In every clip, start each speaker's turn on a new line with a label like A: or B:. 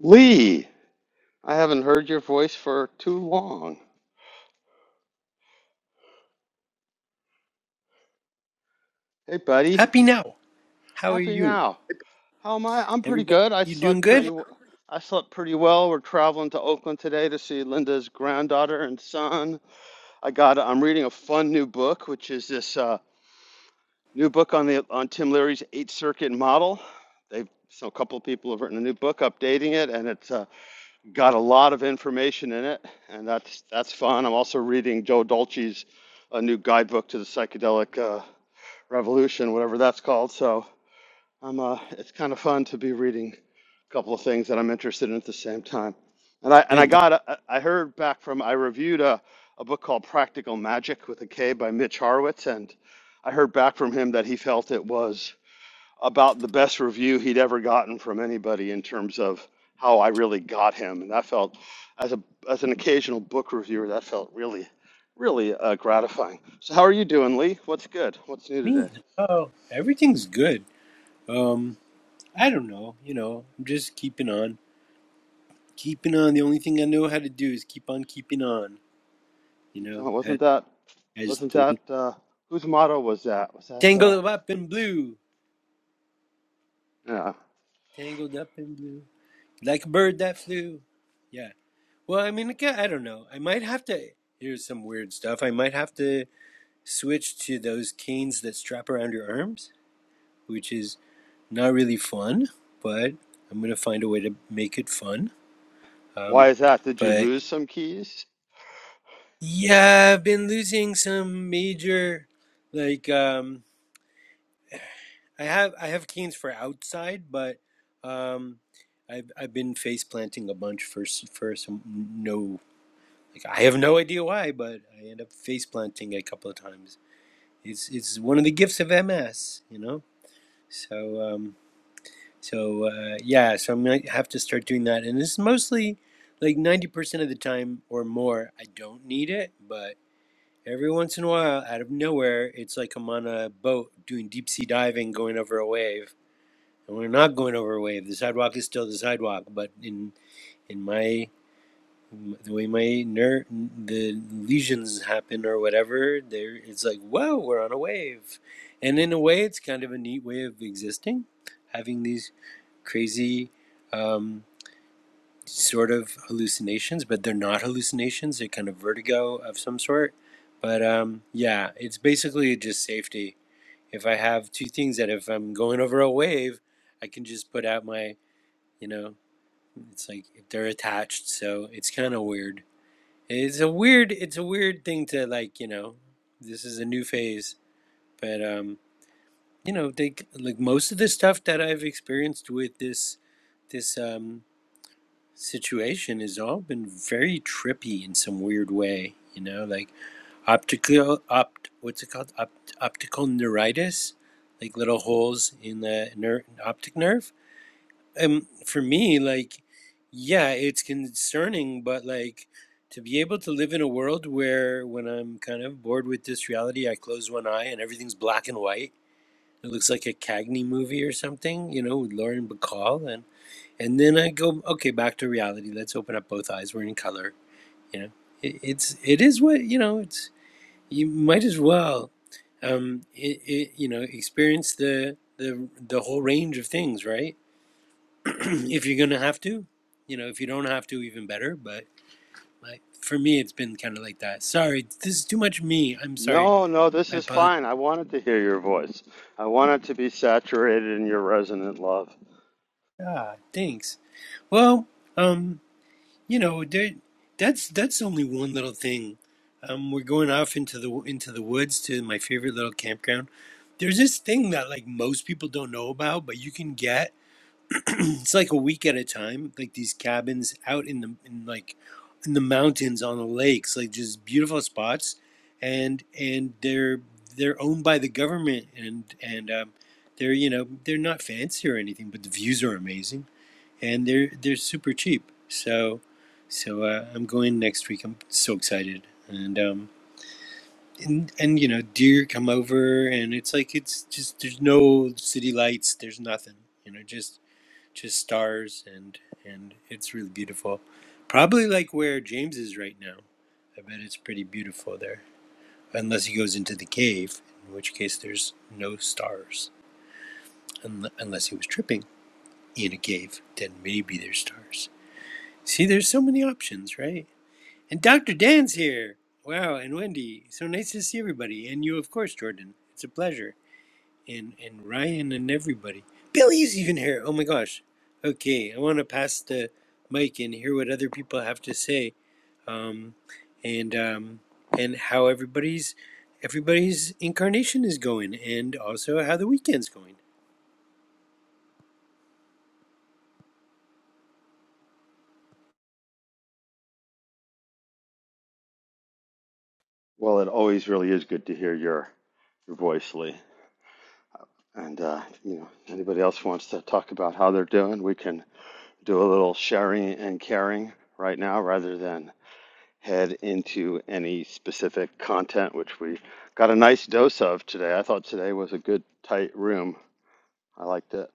A: Lee, I haven't heard your voice for too long. Hey, buddy.
B: Happy now. How are
A: Happy
B: you?
A: now. How am I? I'm pretty
B: Everybody,
A: good. I
B: you doing
A: slept pretty
B: good?
A: w- I slept pretty well. We're traveling to Oakland today to see Linda's granddaughter and son. I got I'm reading a fun new book, which is this uh, new book on the on Tim Leary's eight circuit model. They've so a couple of people have written a new book updating it and it's uh, got a lot of information in it, and that's that's fun. I'm also reading Joe Dolce's a new guidebook to the psychedelic uh, revolution, whatever that's called. So I'm uh, it's kind of fun to be reading a couple of things that I'm interested in at the same time. And I and
B: Yeah,
A: I
B: that's
A: got a- I heard back from I reviewed a a book called Practical Magic with a K by Mitch Horowitz, and I heard back from him that he felt it was about the best review he'd ever gotten from anybody in terms of how I really got him, and that felt as a as an occasional book reviewer, that felt really, really uh, gratifying. So how are you doing, Lee? What's good? What's new today?
B: me. Oh, everything's good. Um, I don't know. You know, I'm just keeping on, keeping on. The only thing I know how to do is keep on keeping on. You know, as,
A: Wasn't that
B: as
A: wasn't
B: the one
A: that uh, whose motto was that? Was that uh,
B: tangled up in blue,
A: yeah?
B: tangled up in blue, like a bird that flew. Yeah. Well, I mean, I ca- I don't know. I might have to. Here's some weird stuff. I might have to switch to those canes that strap around your arms, which is not really fun, but I'm gonna find a way to make it fun. Um,
A: Why is that? Did you
B: but
A: lose some keys?
B: yeah, I've been losing some major, like um, I have I have canes for outside, but um, I've I've been face planting a bunch for for some no, like I have no idea why, but I end up face planting a couple of times. It's it's one of the gifts of MS, you know. So. Um, So uh, yeah, so I'm gonna have to start doing that, and it's mostly like ninety percent of the time or more. I don't need it, but every once in a while, out of nowhere, it's like I'm on a boat doing deep sea diving, going over a wave, and we're not going over a wave. The sidewalk is still the sidewalk, but in in my the way my ner the lesions happen or whatever, there it's like whoa, we're on a wave, and in a way, it's kind of a neat way of existing, having these crazy um, sort of hallucinations, but they're not hallucinations. They're kind of vertigo of some sort. But um, yeah, it's basically just safety. If I have two things that if I'm going over a wave, I can just put out my, you know, it's like they're attached. So it's kind of weird. It's a weird, it's a weird thing to like, you know, this is a new phase. But um, you know, they like most of the stuff that I've experienced with this, this um, situation has all been very trippy in some weird way. You know, like optical opt what's it called opt, optical neuritis, like little holes in the ner- optic nerve. Um, for me, like, yeah, it's concerning, but like to be able to live in a world where when I'm kind of bored with this reality, I close one eye and everything's black and white. It looks like a Cagney movie or something, you know, with Lauren Bacall and and then I go, okay, back to reality. Let's open up both eyes. We're in color. You know, it, it's it is what you know. It's you might as well, um, it, it, you know, experience the the the whole range of things, right? if you're gonna have to, you know, if you don't have to, even better. But like for me, it's been kind of like that. Sorry, this is too much me. I'm sorry.
A: No, no, this
B: I
A: is
B: apologize.
A: fine. I wanted to hear your voice. I wanted to be saturated in your resonant love.
B: Ah, thanks. Well, um. You know, that's that's only one little thing. Um, we're going off into the into the woods to my favorite little campground. There's this thing that like most people don't know about, but you can get. It's like a week at a time, like these cabins out in the in like in the mountains on the lakes, like just beautiful spots, and and they're they're owned by the government, and and um, they're you know they're not fancy or anything, but the views are amazing and they're they're super cheap. So so uh, I'm going next week. I'm so excited, and um and and you know deer come over, and it's like it's just there's no city lights, there's nothing, you know, just just stars, and and it's really beautiful. Probably like where James is right now. I bet it's pretty beautiful there, unless he goes into the cave, in which case there's no stars, Unle- unless he was tripping in a cave, then maybe there's stars. See, there's so many options, right? And Dr. Dan's here. Wow, and Wendy. So nice to see everybody. And you, of course, Jordan. It's a pleasure. And and Ryan and everybody. Billy's even here. Oh my gosh. Okay, I want to pass the mic and hear what other people have to say. Um, and um, and how everybody's everybody's incarnation is going, and also how the weekend's going.
A: Well, it always really is good to hear your your voice, Lee. And uh, you know, if anybody else wants to talk about how they're doing, we can do a little sharing and caring right now, rather than head into any specific content, which we got a nice dose of today. I thought today was a good tight room. I liked it.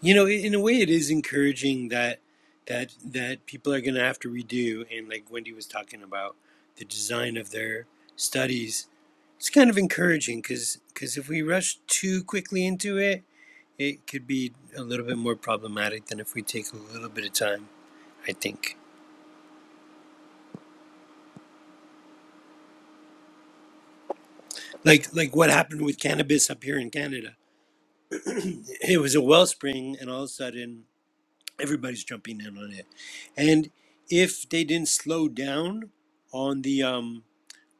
B: You know, in a way, it is encouraging that that that people are going to have to redo, and like Wendy was talking about the design of their studies. It's kind of encouraging because if we rush too quickly into it, it could be a little bit more problematic than if we take a little bit of time. I think, like like what happened with cannabis up here in Canada, it was a wellspring, and all of a sudden everybody's jumping in on it. And if they didn't slow down on the um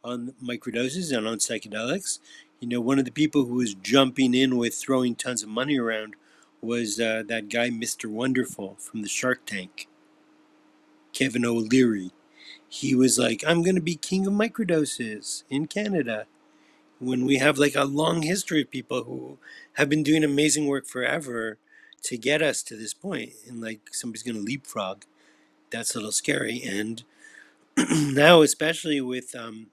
B: on microdoses and on psychedelics. You know, one of the people who was jumping in with throwing tons of money around was uh, that guy, Mr. Wonderful from the Shark Tank, Kevin O'Leary. He was like, I'm going to be king of microdoses in Canada. When we have like a long history of people who have been doing amazing work forever to get us to this point, and like somebody's going to leapfrog. That's a little scary. And now, especially with um,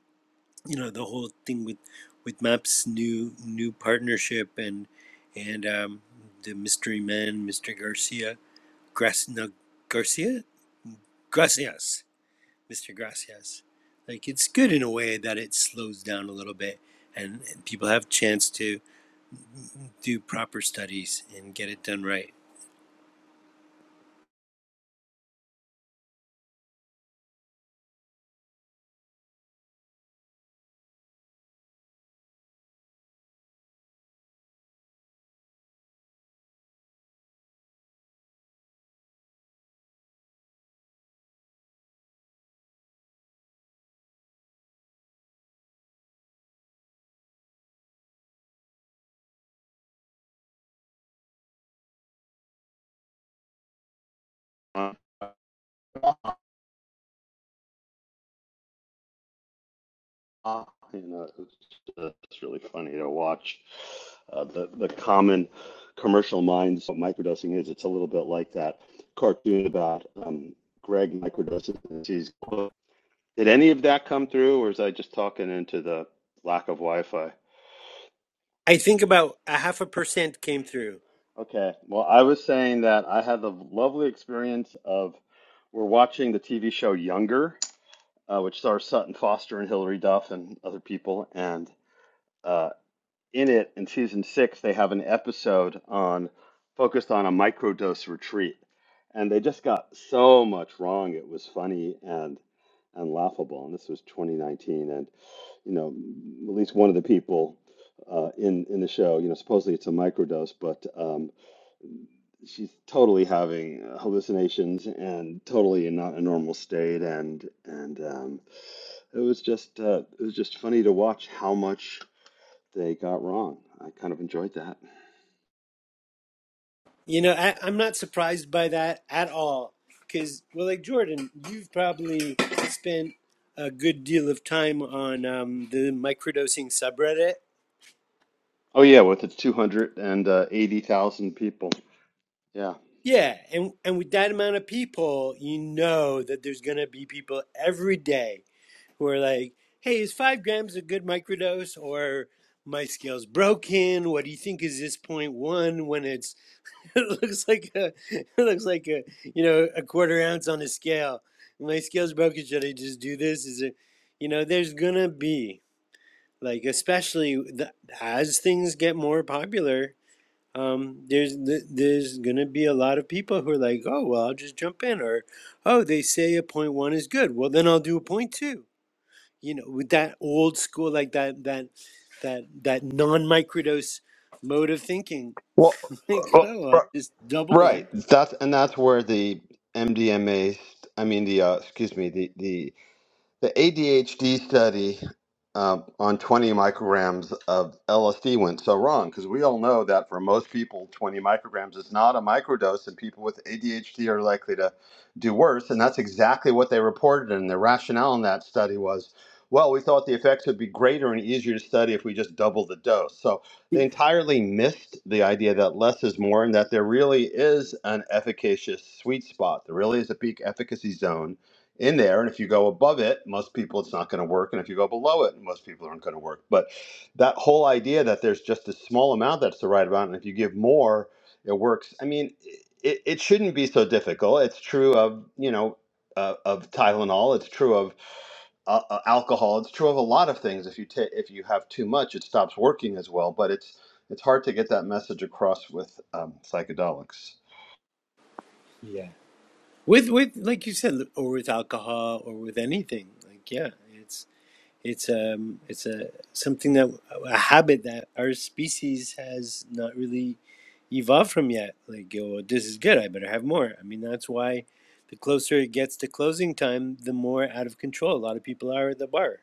B: you know the whole thing with with Maps new new partnership and and um, the mystery man, Mr. Garcia, Grac- no, Garcia, Gracias, Mr. Gracias. Like it's good in a way that it slows down a little bit and, and people have chance to do proper studies and get it done right.
A: Uh, you know, it's, it's really funny to watch uh, the the common commercial minds what microdosing is. It's a little bit like that cartoon about um, Greg microdosing. He's, did any of that come through, or is I just talking into the lack of Wi-Fi?
B: I think about a half a percent came through.
A: Okay, well, I was saying that I had the lovely experience of we're watching the TV show Younger, uh, which stars Sutton Foster and Hilary Duff and other people, and uh. in it in season six they have an episode on focused on a microdose retreat and they just got so much wrong it was funny and and laughable and this was 2019 and you know at least one of the people uh, in in the show you know supposedly it's a microdose but um, she's totally having hallucinations and totally in not a normal state and and um, it was just uh, it was just funny to watch how much they got wrong i kind of enjoyed that
B: You know, I, I'm not surprised by that at all. Because, well, like Jordan, you've probably spent a good deal of time on um, the microdosing subreddit.
A: Oh yeah, with its 280,000 people. Yeah.
B: Yeah, and and with that amount of people, you know that there's gonna be people every day who are like, "Hey, is five grams a good microdose?" Or "My scale's broken. What do you think is this point one when it's it looks like a, it looks like a, you know, a quarter ounce on a scale. My scale's broken. Should I just do this? Is it, you know, there's gonna be like, especially the, as things get more popular, um, there's there's gonna be a lot of people who are like, oh well, I'll just jump in, or oh they say a point one is good, well then I'll do a point two. You know, with that old school like that that that that non microdose mode of thinking,
A: Well,
B: like
A: well,
B: oh I'll
A: r-
B: just double
A: Right.
B: it.
A: That's and that's where the MDMA, I mean the uh, excuse me, the the The ADHD study uh, on 20 micrograms of LSD went so wrong because we all know that for most people, 20 micrograms is not a microdose, and people with ADHD are likely to do worse. And that's exactly what they reported. And the rationale in that study was well, we thought the effects would be greater and easier to study if we just doubled the dose. So they entirely missed the idea that less is more and that there really is an efficacious sweet spot. There really is a peak efficacy zone in there. And if you go above it, most people it's not going to work. And if you go below it, most people aren't going to work. But that whole idea that there's just a small amount that's the right amount, and if you give more, it works. I mean, it, it shouldn't be so difficult. It's true of you know uh, of Tylenol. It's true of uh, uh, alcohol. It's true of a lot of things. If you ta if you have too much, it stops working as well. But it's it's hard to get that message across with um, psychedelics.
B: Yeah. With with like you said, or with alcohol or with anything. Like yeah, it's it's um it's a something that a habit that our species has not really evolved from yet. Like oh, this is good. I better have more. I mean, that's why the closer it gets to closing time, the more out of control a lot of people are at the bar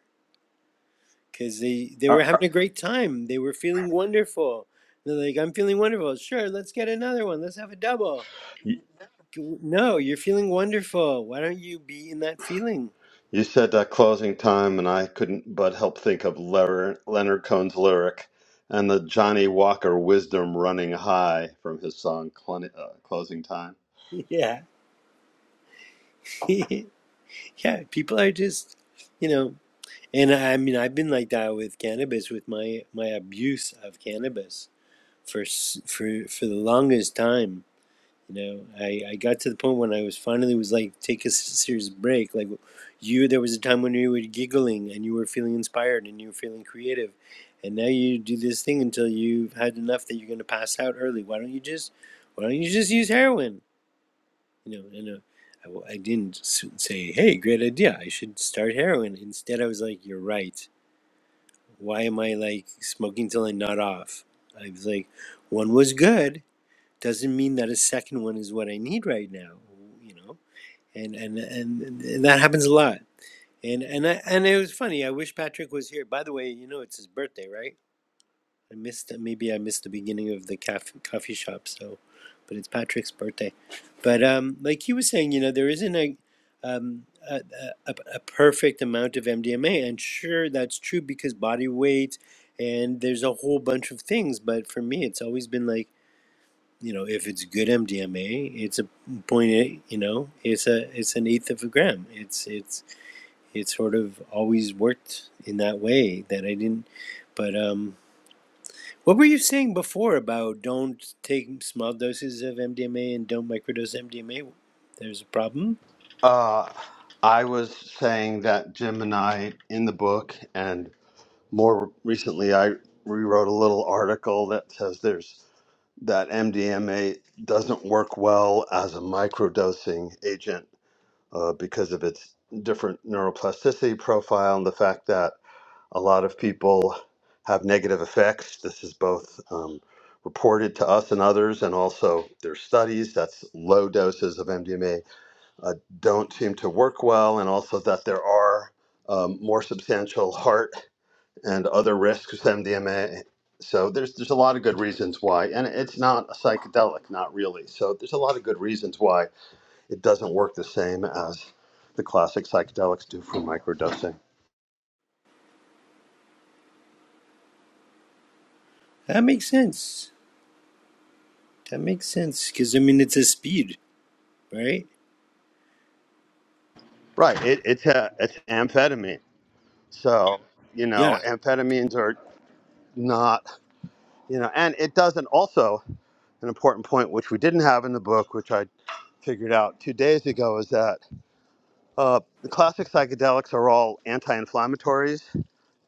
B: because they they were having a great time. They were feeling wonderful. They're like, I'm feeling wonderful. Sure, let's get another one. Let's have a double G- No, you're feeling wonderful. Why don't you be in that feeling?
A: You said that closing time, and I couldn't but help think of Ler- Leonard Cohen's lyric and the Johnny Walker wisdom running high from his song Clon- uh, Closing Time.
B: Yeah. Yeah, people are just, you know, and I, I mean, I've been like that with cannabis, with my my abuse of cannabis for s- for for the longest time. You know, I, I got to the point when I was finally was like, take a serious break. Like you, there was a time when you were giggling and you were feeling inspired and you were feeling creative. And now you do this thing until you've had enough that you're going to pass out early. Why don't you just, why don't you just use heroin? You know, and uh, I w- I didn't say, hey, great idea. I should start heroin. Instead, I was like, you're right. Why am I like smoking till I nod off? I was like, one was good doesn't mean that a second one is what I need right now, you know. And and and, and that happens a lot. And and I, and it was funny. I wish Patrick was here. By the way, you know it's his birthday, right? I missed maybe I missed the beginning of the cafe, coffee shop. So, but it's Patrick's birthday. But um, like he was saying, you know, there isn't a um, a, a, a a perfect amount of MDMA, and sure, that's true because body weight, and there's a whole bunch of things. But for me, it's always been like you know, if it's good MDMA, it's a point. eight, You know, it's a it's an eighth of a gram. It's it's it's sort of always worked in that way that I didn't. But um, what were you saying before about don't take small doses of MDMA and don't microdose MDMA? There's a problem.
A: Uh, I was saying that Jim and I, in the book, and more recently, I rewrote a little article that says there's that MDMA doesn't work well as a microdosing agent uh, because of its different neuroplasticity profile and the fact that A lot of people have negative effects. This is both um, reported to us and others, and also there's studies that's low doses of MDMA uh, don't seem to work well, and also that there are um, more substantial heart and other risks with MDMA. So there's there's a lot of good reasons why, and it's not a psychedelic, not really. So there's a lot of good reasons why it doesn't work the same as the classic psychedelics do for microdosing.
B: That makes sense. That makes sense because I mean it's a speed, right?
A: Right. It, it's a it's amphetamine. So, you know,
B: Yeah,
A: amphetamines are not, you know, and it doesn't also, an important point which we didn't have in the book, which I figured out two days ago, is that uh, the classic psychedelics are all anti inflammatories.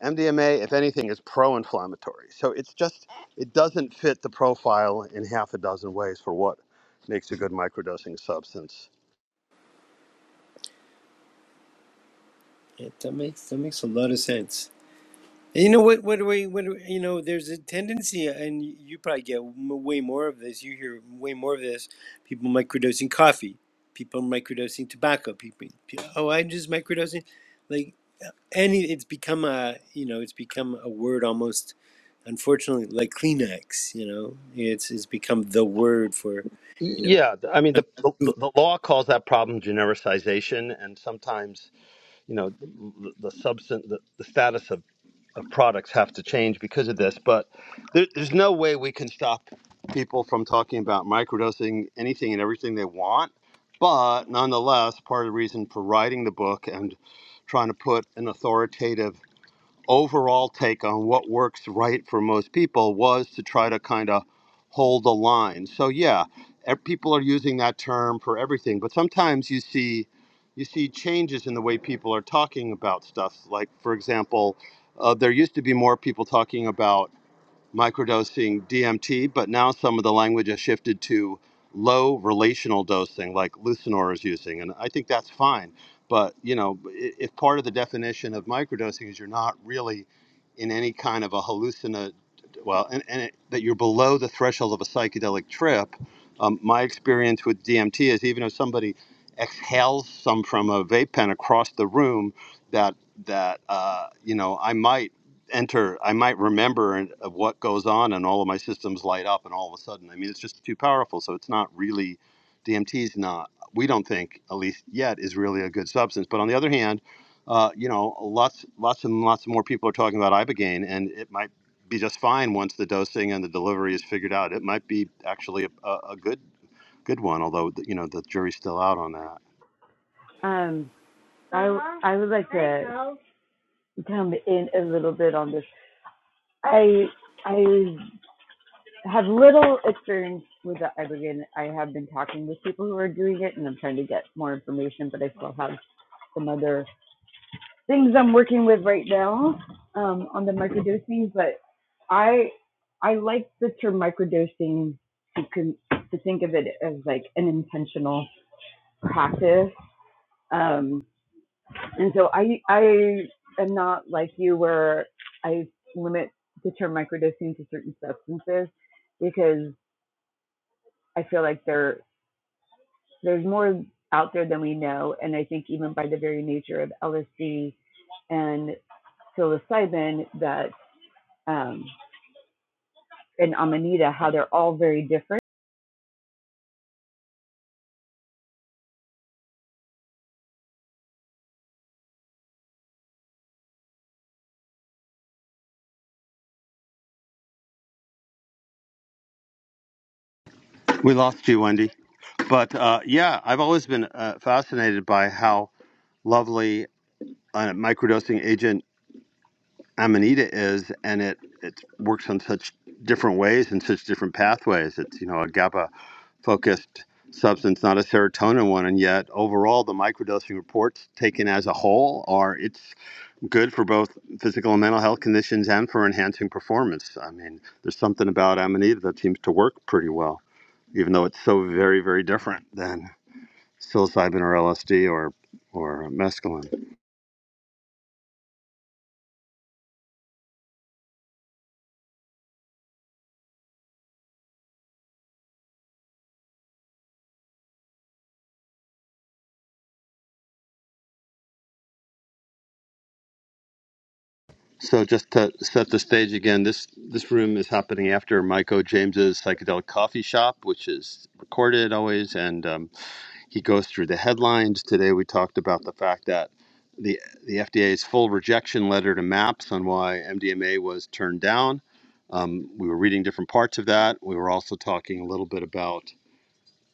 A: MDMA, if anything, is pro inflammatory. So it's just, it doesn't fit the profile in half a dozen ways for what makes a good microdosing substance.
B: it, that makes that makes a lot of sense. You know what? What do we? What do you know? There's a tendency, and you probably get m- way more of this. You hear way more of this. People microdosing coffee, people microdosing tobacco, people. pe- Oh, I'm just microdosing. Like any, it's become a you know, it's become a word almost. Unfortunately, like Kleenex, you know, it's it's become the word for, you know.
A: Yeah, th- I mean, the,
B: I'm-
A: the, the law calls that problem genericization, and sometimes you know the, the substance the, the status of, of products have to change because of this but there, there's no way we can stop people from talking about microdosing anything and everything they want but nonetheless part of the reason for writing the book and trying to put an authoritative overall take on what works right for most people was to try to kind of hold a line. So yeah, ev- people are using that term for everything, but sometimes you see you see changes in the way people are talking about stuff. Like for example, uh, there used to be more people talking about microdosing DMT, but now some of the language has shifted to low relational dosing, like Lucinor is using, and I think that's fine. But you know, i- if part of the definition of microdosing is you're not really in any kind of a hallucina, well, and, and it, that you're below the threshold of a psychedelic trip, um, my experience with DMT is even if somebody exhales some from a vape pen across the room, that that uh, you know I might enter, I might remember and- of what goes on, and all of my systems light up, and all of a sudden, I mean, it's just too powerful. So it's not really DMT's not. We don't think, at least yet, is really a good substance. But on the other hand, uh, you know, lots, lots and lots more people are talking about ibogaine, and it might be just fine once the dosing and the delivery is figured out. It might be actually a, a, a good, good one, although you know the jury's still out on that.
C: Um, I I would like to come in a little bit on this. I I have little experience with the ibogaine. I have been talking with people who are doing it, and I'm trying to get more information. But I still have some other things I'm working with right now um, on the microdosing. But I I like the term microdosing to con- to think of it as like an intentional practice. um. And so I I am not like you where I limit the term microdosing to certain substances because I feel like there there's more out there than we know. And I think even by the very nature of LSD and psilocybin that um, and amanita, how they're all very different.
A: We lost you, Wendy. But uh, yeah, I've always been uh, fascinated by how lovely uh, microdosing agent amanita is, and it it works on such different ways and such different pathways. It's you know a GABA focused substance, not a serotonin one, and yet overall the microdosing reports taken as a whole are it's good for both physical and mental health conditions and for enhancing performance. I mean, there's something about amanita that seems to work pretty well, even though it's so very very different than psilocybin or LSD or or mescaline. So just to set the stage again, this this room is happening after Michael James's psychedelic coffee shop, which is recorded always, and um, he goes through the headlines. Today we talked about the fact that the the FDA's full rejection letter to MAPS on why MDMA was turned down. Um, we were reading different parts of that. We were also talking a little bit about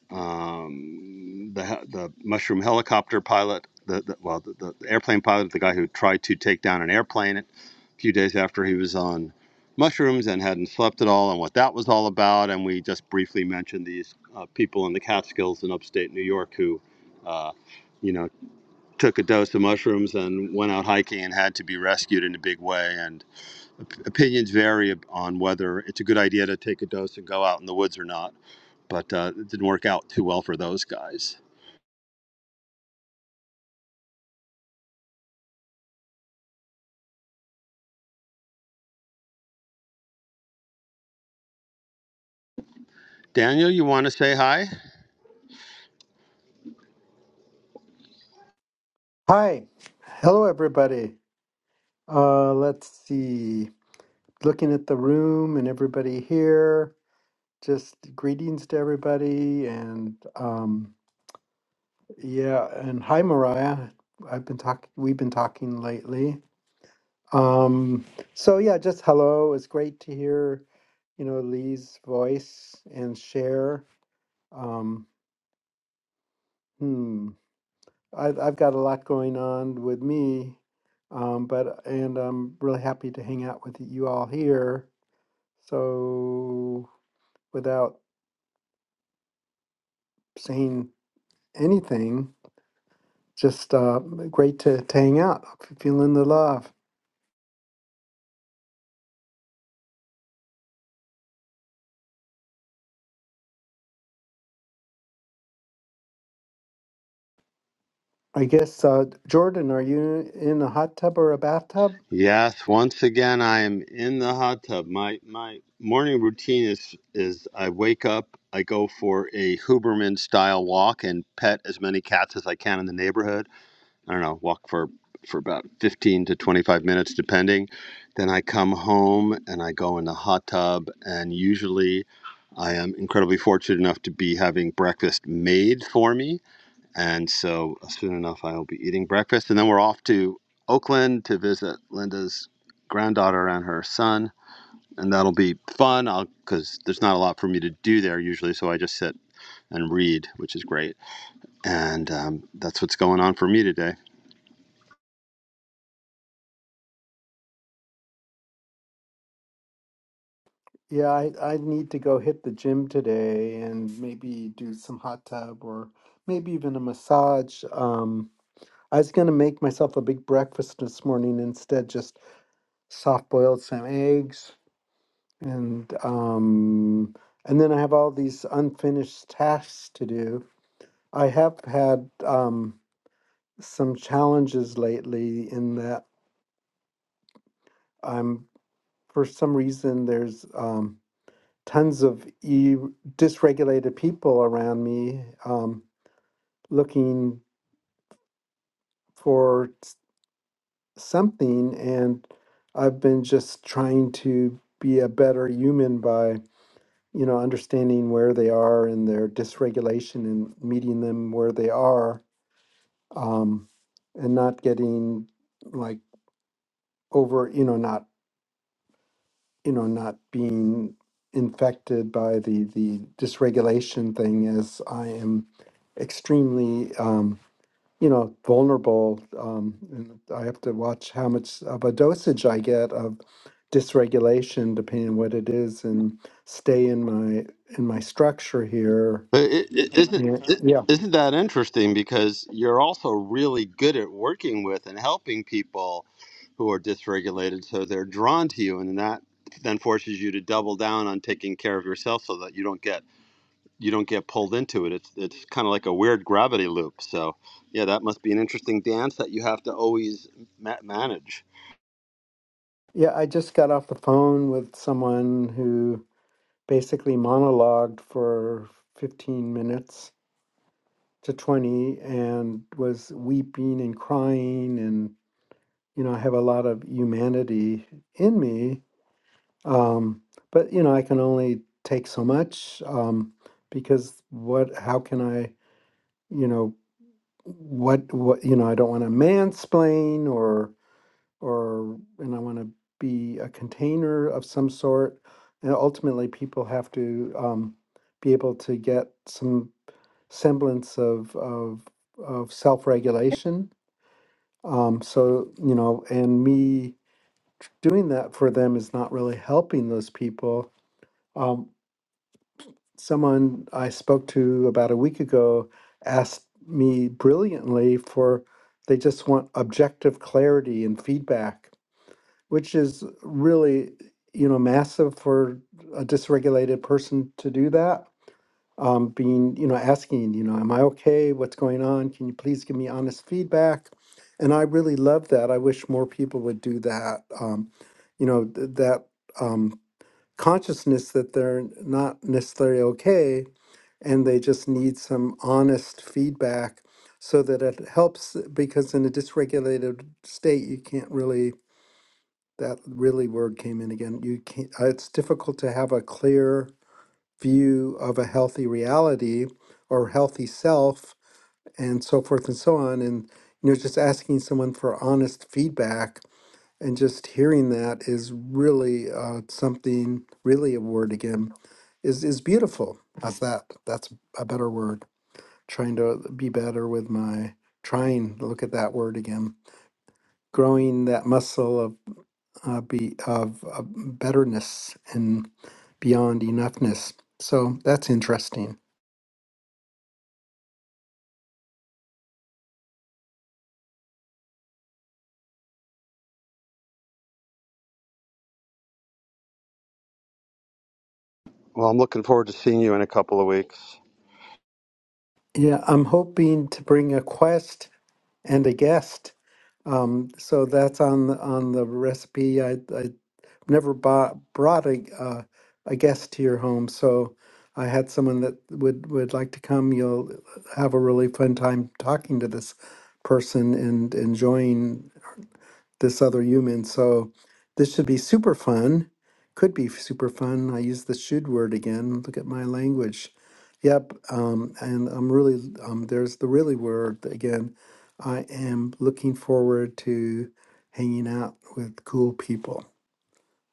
A: um, the he- the mushroom helicopter pilot, the, the well the, the airplane pilot, the guy who tried to take down an airplane a few days after he was on mushrooms and hadn't slept at all and what that was all about. And we just briefly mentioned these uh, people in the Catskills in upstate New York who, uh, you know, took a dose of mushrooms and went out hiking and had to be rescued in a big way. And op- opinions vary on whether it's a good idea to take a dose and go out in the woods or not. But uh, it didn't work out too well for those guys. Daniel, you want to say hi?
D: Hi. Hello, everybody. Uh, let's see. Looking at the room and everybody here, just greetings to everybody. And um, yeah, and hi, Mariah. I've been talking, we've been talking lately. Um, so yeah, just hello. It's great to hear, you know, Lee's voice and share. Um, hmm. I've, I've got a lot going on with me um, but and I'm really happy to hang out with you all here. So, without saying anything, just uh, great to, to hang out. I'm Feeling the love. I guess, uh, Jordan, are you in a hot tub or a bathtub?
A: Yes, once again, I am in the hot tub. My my morning routine is is I wake up, I go for a Huberman style walk and pet as many cats as I can in the neighborhood. I don't know, walk for for about 15 to 25 minutes depending. Then I come home and I go in the hot tub and usually I am incredibly fortunate enough to be having breakfast made for me and so uh, soon enough, I will be eating breakfast. And then we're off to Oakland to visit Linda's granddaughter and her son. And that'll be fun because there's not a lot for me to do there usually. So I just sit and read, which is great. And um, that's what's going on for me today.
D: Yeah, I, I need to go hit the gym today and maybe do some hot tub or maybe even a massage. Um, I was going to make myself a big breakfast this morning instead, just soft boiled some eggs and um, and then I have all these unfinished tasks to do. I have had um, some challenges lately in that I'm for some reason there's um, tons of e- dysregulated people around me um, looking for s- something, and I've been just trying to be a better human by. you know, understanding where they are in their dysregulation and meeting them where they are, um, and not getting like over, you know, not you know, not being infected by the the dysregulation thing as I am extremely um, you know vulnerable um, and I have to watch how much of a dosage I get of dysregulation depending on what it is and stay in my in my structure here
A: But it, it, isn't
D: Yeah,
A: it,
D: yeah,
A: isn't that interesting? Because you're also really good at working with and helping people who are dysregulated, so they're drawn to you, and that then forces you to double down on taking care of yourself, so that you don't get you don't get pulled into it. It's it's kind of like a weird gravity loop. So yeah, that must be an interesting dance that you have to always ma- manage.
D: yeah. I just got off the phone with someone who basically monologued for 15 minutes to 20 and was weeping and crying. And, you know, I have a lot of humanity in me. Um, but, you know, I can only take so much um, because what, how can I, you know, what, what, you know, I don't want to mansplain or or and I want to be a container of some sort. And ultimately, people have to um, be able to get some semblance of of of self regulation. Um, so you know, and me doing that for them is not really helping those people. Um, someone I spoke to about a week ago asked me brilliantly for they just want objective clarity and feedback which is really you know massive for a dysregulated person to do that um, being you know asking you know am i okay what's going on can you please give me honest feedback and i really love that i wish more people would do that um, you know th- that um, consciousness that they're not necessarily okay and they just need some honest feedback so that it helps because in a dysregulated state you can't really that really word came in again. You can't, uh, it's difficult to have a clear view of a healthy reality or healthy self and so forth and so on. And, you know, just asking someone for honest feedback and just hearing that is really uh, something, really a word again, is, is beautiful. How's that? That's a better word. Trying to be better with my, trying, look at that word again. Growing that muscle of uh, be of, of betterness and beyond enoughness. So that's interesting.
A: Well, I'm looking forward to seeing you in a couple of weeks.
D: Yeah, I'm hoping to bring a quest and a guest. Um, so that's on the, on the recipe. I I never bought, brought a uh, a guest to your home, so I had someone that would would like to come. You'll have a really fun time talking to this person and enjoying. this other human. So this should be super fun. Could be super fun. I use the should word again. Look at my language. Yep. Um, and I'm really, um, there's the really word again. I am looking forward to hanging out with cool people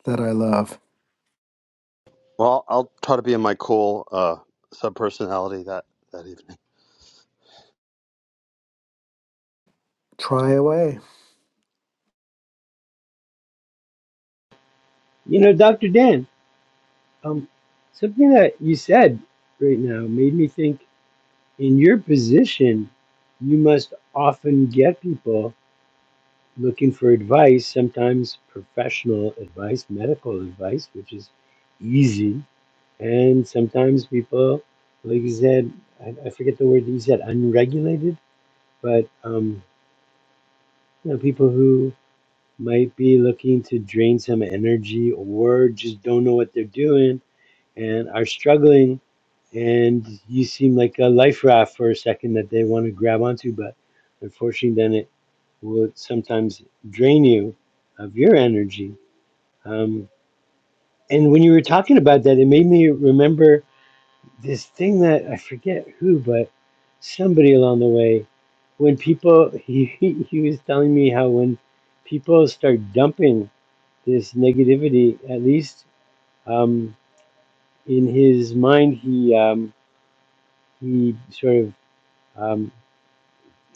D: that I love.
A: Well, I'll try to be in my cool uh, sub personality that that evening.
D: Try away.
B: You know, Dr. Dan, um, something that you said right now made me think. in your position, you must often get people looking for advice, sometimes professional advice, medical advice, which is easy. And sometimes people, like you said, I, I forget the word that you said, unregulated, but um, you know, people who might be looking to drain some energy or just don't know what they're doing and are struggling and you seem like a life raft for a second that they want to grab onto but unfortunately then it will sometimes drain you of your energy um, and when you were talking about that it made me remember this thing that i forget who but somebody along the way when people he, he he was telling me how when people start dumping this negativity at least um, in his mind he um, he sort of um,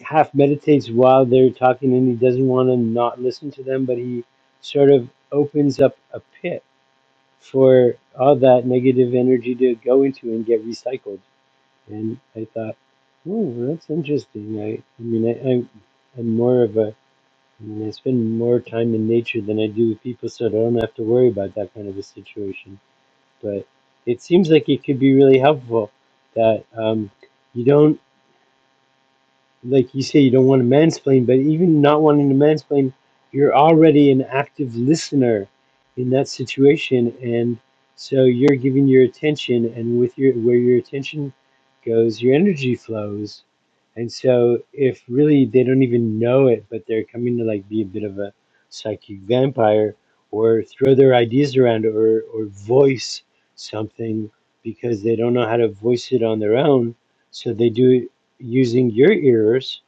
B: half meditates while they're talking and he doesn't want to not listen to them, but he sort of opens up a pit for all that negative energy to go into and get recycled. And I thought, oh, that's interesting. I, I mean, I, I, I'm more of a, I mean, I spend more time in nature than I do with people, so I don't have to worry about that kind of a situation. But it seems like it could be really helpful that um, you don't. like you say, you don't want to mansplain, but even not wanting to mansplain, you're already an active listener in that situation, and so you're giving your attention, and with your where your attention goes, your energy flows, and so if really they don't even know it, but they're coming to like be a bit of a psychic vampire or throw their ideas around or or voice something because they don't know how to voice it on their own so they do it using your ears,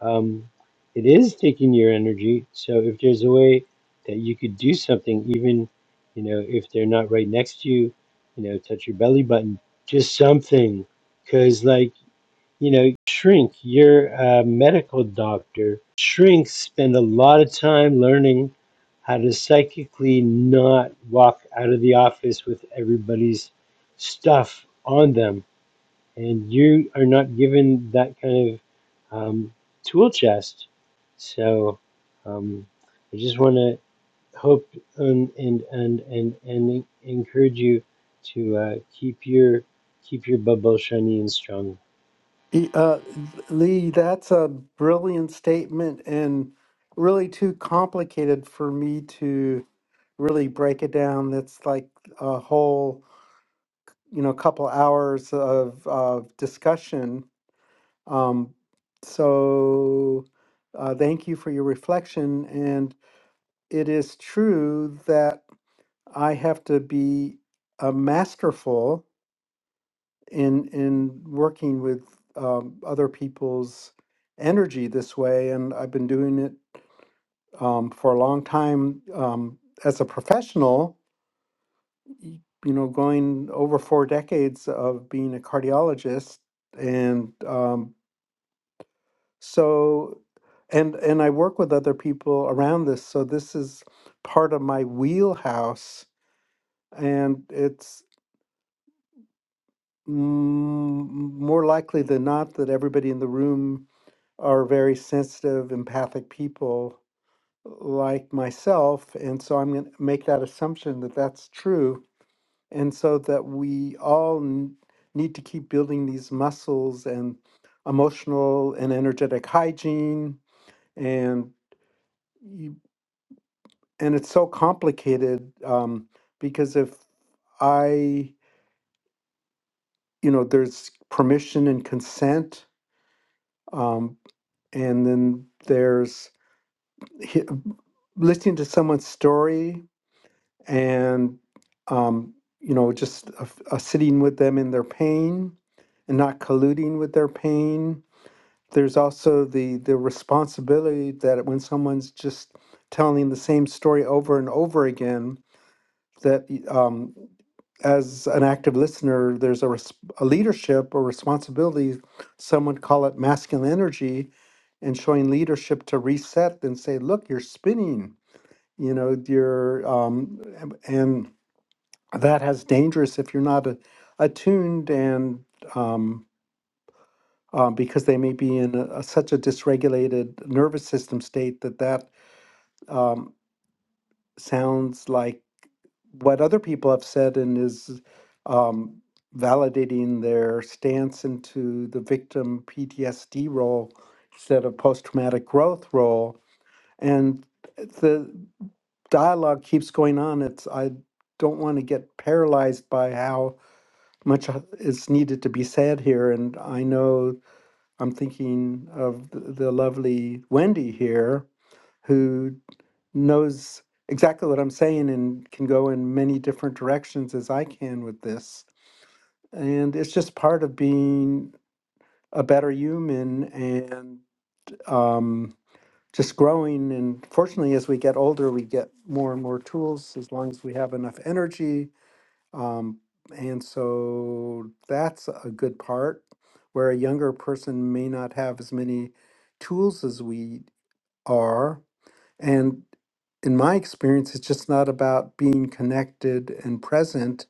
B: um, it is taking your energy. So if there's a way that you could do something, even you know if they're not right next to you, you know, touch your belly button, just something, because like you know, shrink You're a medical doctor. Shrinks spend a lot of time learning how to psychically not walk out of the office with everybody's stuff on them and you are not given that kind of um, tool chest. So um, I just want to hope and and and and, and encourage you to uh, keep your keep your bubble shiny and strong.
D: E- Uh, Lee, that's a brilliant statement and really too complicated for me to really break it down. That's like a whole you know, a couple hours of, of discussion. Um, so uh, thank you for your reflection. And it is true that I have to be uh, masterful in in working with um, other people's energy this way, and I've been doing it um, for a long time um, as a professional. y- You know, going over four decades of being a cardiologist, and um, so and and i work with other people around this so this is part of my wheelhouse and it's mm, more likely than not that everybody in the room are very sensitive empathic people like myself and so i'm going to make that assumption that that's true and so that we all n- need to keep building these muscles and emotional and energetic hygiene and and it's so complicated um, because if I, you know, there's permission and consent, um, and then there's hi- listening to someone's story and, um, you know, just a, a sitting with them in their pain and not colluding with their pain. There's also the the responsibility that when someone's just telling the same story over and over again, that um, as an active listener, there's a, res- a leadership or responsibility. Some would call it masculine energy, and showing leadership to reset and say, "Look, you're spinning. You know, you're um, and and that has dangerous if you're not a, attuned and um, uh, because they may be in a, a- such a dysregulated nervous system state that that um, sounds like." what other people have said and is um, validating their stance into the victim PTSD role instead of post traumatic growth role. And the dialogue keeps going on. It's I don't want to get paralyzed by how much uh, is needed to be said here. And I know I'm thinking of the, the lovely Wendy here who knows exactly what I'm saying and can go in many different directions as I can with this. And it's just part of being a better human and um, just growing. And fortunately, as we get older, we get more and more tools as long as we have enough energy. Um, and so that's a good part where a younger person may not have as many tools as we are and in my experience, it's just not about being connected and present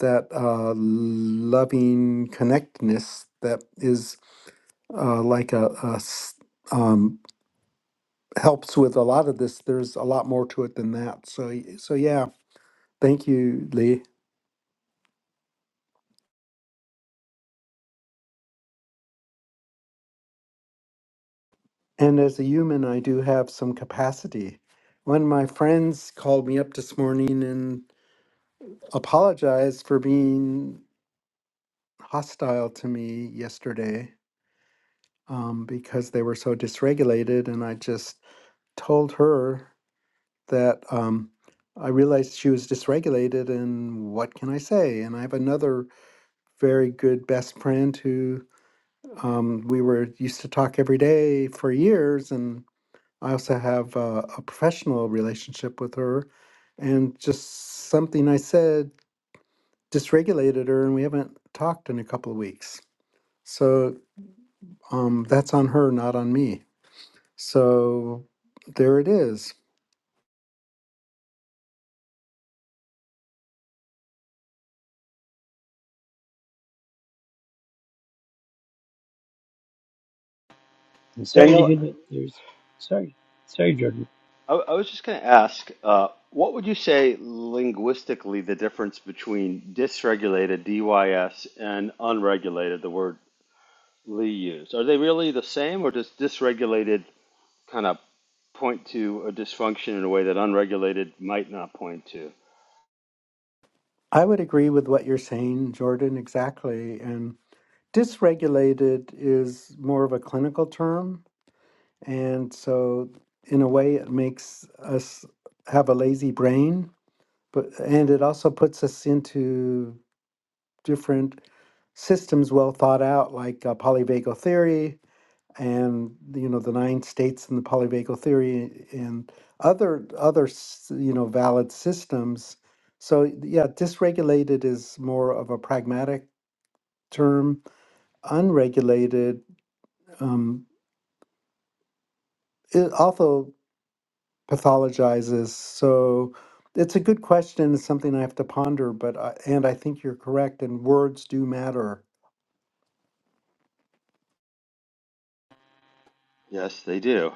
D: that uh, loving connectedness that is uh, like a, a s- um, helps with a lot of this. There's a lot more to it than that. So y- so yeah, thank you, Lee. And as a human, I do have some capacity. One of my friends called me up this morning and apologized for being hostile to me yesterday um, because they were so dysregulated. And I just told her that um, I realized she was dysregulated, and what can I say? And I have another very good best friend who um, we were used to talk every day for years, and I also have a, a professional relationship with her. And just something I said dysregulated her, and we haven't talked in a couple of weeks. So um, that's on her, not on me. So there it is.
B: I'm sorry to
A: Daniel,
B: hear that. There's sorry, sorry, Jordan.
A: I, I was just going to ask, uh, what would you say linguistically the difference between dysregulated, DYS, and unregulated, the word Lee used? Are they really the same, or does dysregulated kind of point to a dysfunction in a way that unregulated might not point to?
D: I would agree with what you're saying, Jordan, exactly. And dysregulated is more of a clinical term. And so, in a way, it makes us have a lazy brain, but and it also puts us into different systems well thought out, like uh, polyvagal theory, and you know the nine states and the polyvagal theory and other other s- you know valid systems so yeah dysregulated is more of a pragmatic term unregulated um, it also pathologizes so it's a good question it's something i have to ponder but I, and i think you're correct and words do matter
A: Yes, they do.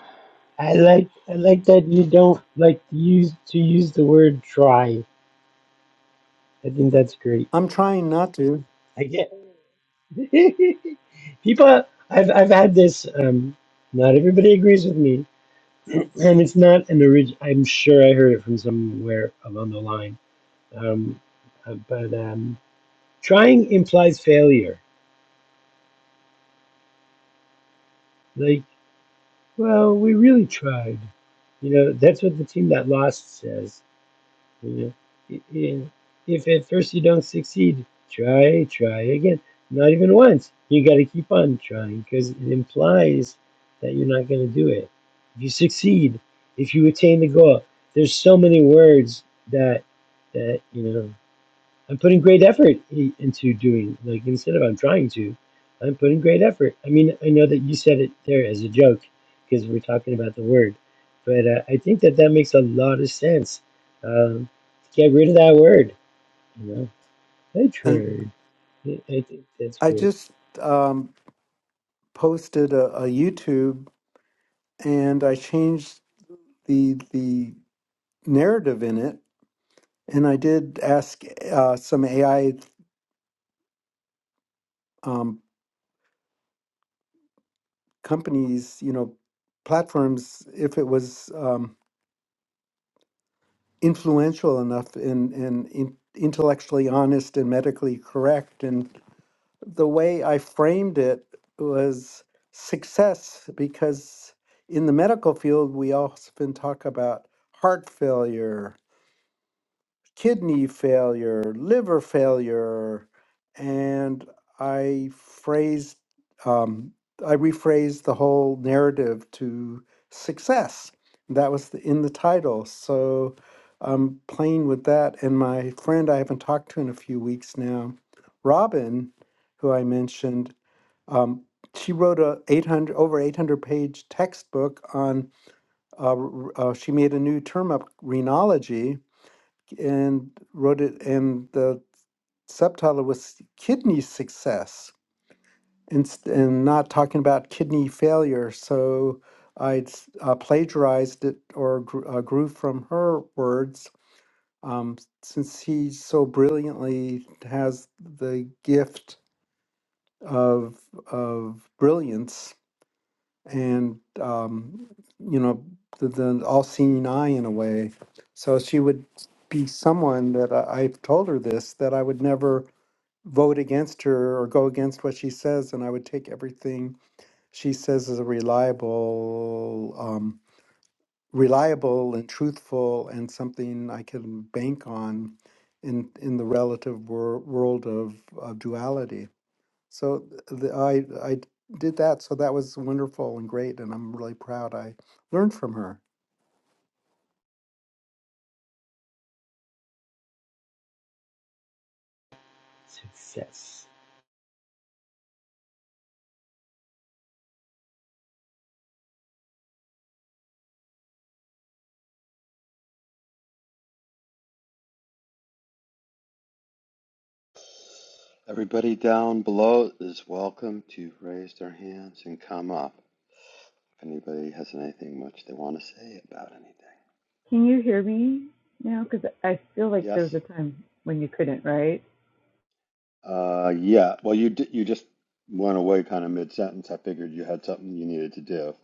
B: I like I like that you don't like to use to use the word try. I think that's great.
D: i'm trying not to
B: I get. People, I've I've had this. Um, not everybody agrees with me, and it's not an origin. I'm sure I heard it from somewhere along the line. Um, uh, but um, trying implies failure. Like, well, we really tried. You know, that's what the team that lost says. Yeah. I- If at first you don't succeed, try, try again. Not even once. You got to keep on trying because it implies that you're not going to do it. If you succeed, if you attain the goal, there's so many words that that you know. I'm putting great effort into doing, like, instead of I'm trying to, I'm putting great effort. I mean, I know that you said it there as a joke because we're talking about the word, but uh, I think that that makes a lot of sense. Um, to get rid of that word, you know, I
D: and
B: tried. I I think that's
D: i
B: great.
D: just um, posted a, a youtube and I changed the the narrative in it, and I did ask uh, some AI um, companies, you know, platforms, if it was um, influential enough and and in, intellectually honest and medically correct. And the way I framed it was success because in the medical field we often talk about heart failure kidney failure, liver failure, and I phrased, um, I rephrased the whole narrative to success. That was the, in the title, so I'm playing with that. And my friend I haven't talked to in a few weeks now, Robin, who I mentioned, um, she wrote a 800 over 800 page textbook on. Uh, r- uh, she made a new term up, renology, and wrote it, and the subtitle was Kidney Success and, and not talking about kidney failure. So I uh, plagiarized it or gr- uh, grew from her words. Um, since he so brilliantly has the gift of of brilliance, and um, you know the, the all-seeing eye in a way so she would be someone that I, i've told her this that i would never vote against her or go against what she says and i would take everything she says as a reliable um, reliable and truthful and something i can bank on in in the relative wor- world of, of duality so th- the, I I did that. So that was wonderful and great, and I'm really proud. I learned from her.
B: Success.
A: Everybody down below is welcome to raise their hands and come up if anybody has anything much they want to say about anything.
C: Can you hear me now? Because I feel like
A: Yes?
C: there was a time when you couldn't, right?
A: Uh, yeah. Well, you d you just went away kind of mid-sentence. I figured you had something you needed to do.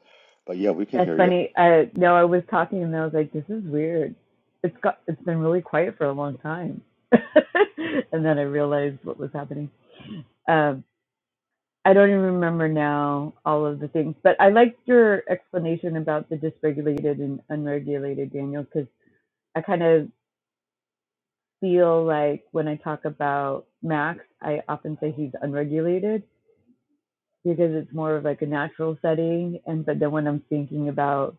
A: But yeah, we can
C: That's
A: hear you.
C: funny. Uh, no, I was talking and I was like, "This is weird. It's got it's been really quiet for a long time." and then I realized what was happening. Um, I don't even remember now all of the things, but I liked your explanation about the dysregulated and unregulated, Daniel, because I kind of feel like when I talk about Max, I often say he's unregulated because it's more of like a natural setting, and but then when I'm thinking about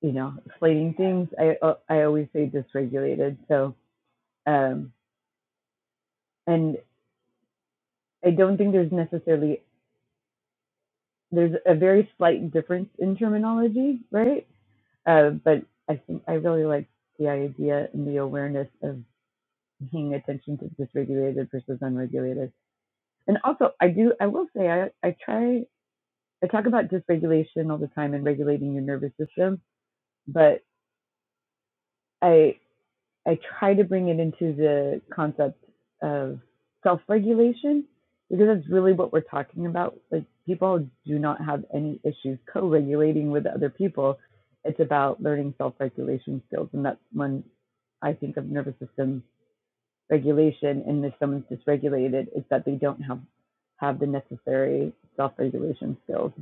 C: you know, slating things. I uh, I always say dysregulated. So, um, and I don't think there's necessarily there's a very slight difference in terminology, right? Uh, but I think I really like the idea and the awareness of paying attention to dysregulated versus unregulated. And also, I do I will say I I try I talk about dysregulation all the time and regulating your nervous system, but I I try to bring it into the concept of self-regulation because that's really what we're talking about. Like people do not have any issues co-regulating with other people. It's about learning self-regulation skills, and that's when I think of nervous system regulation. And if someone's dysregulated, it's that they don't have have the necessary self-regulation skills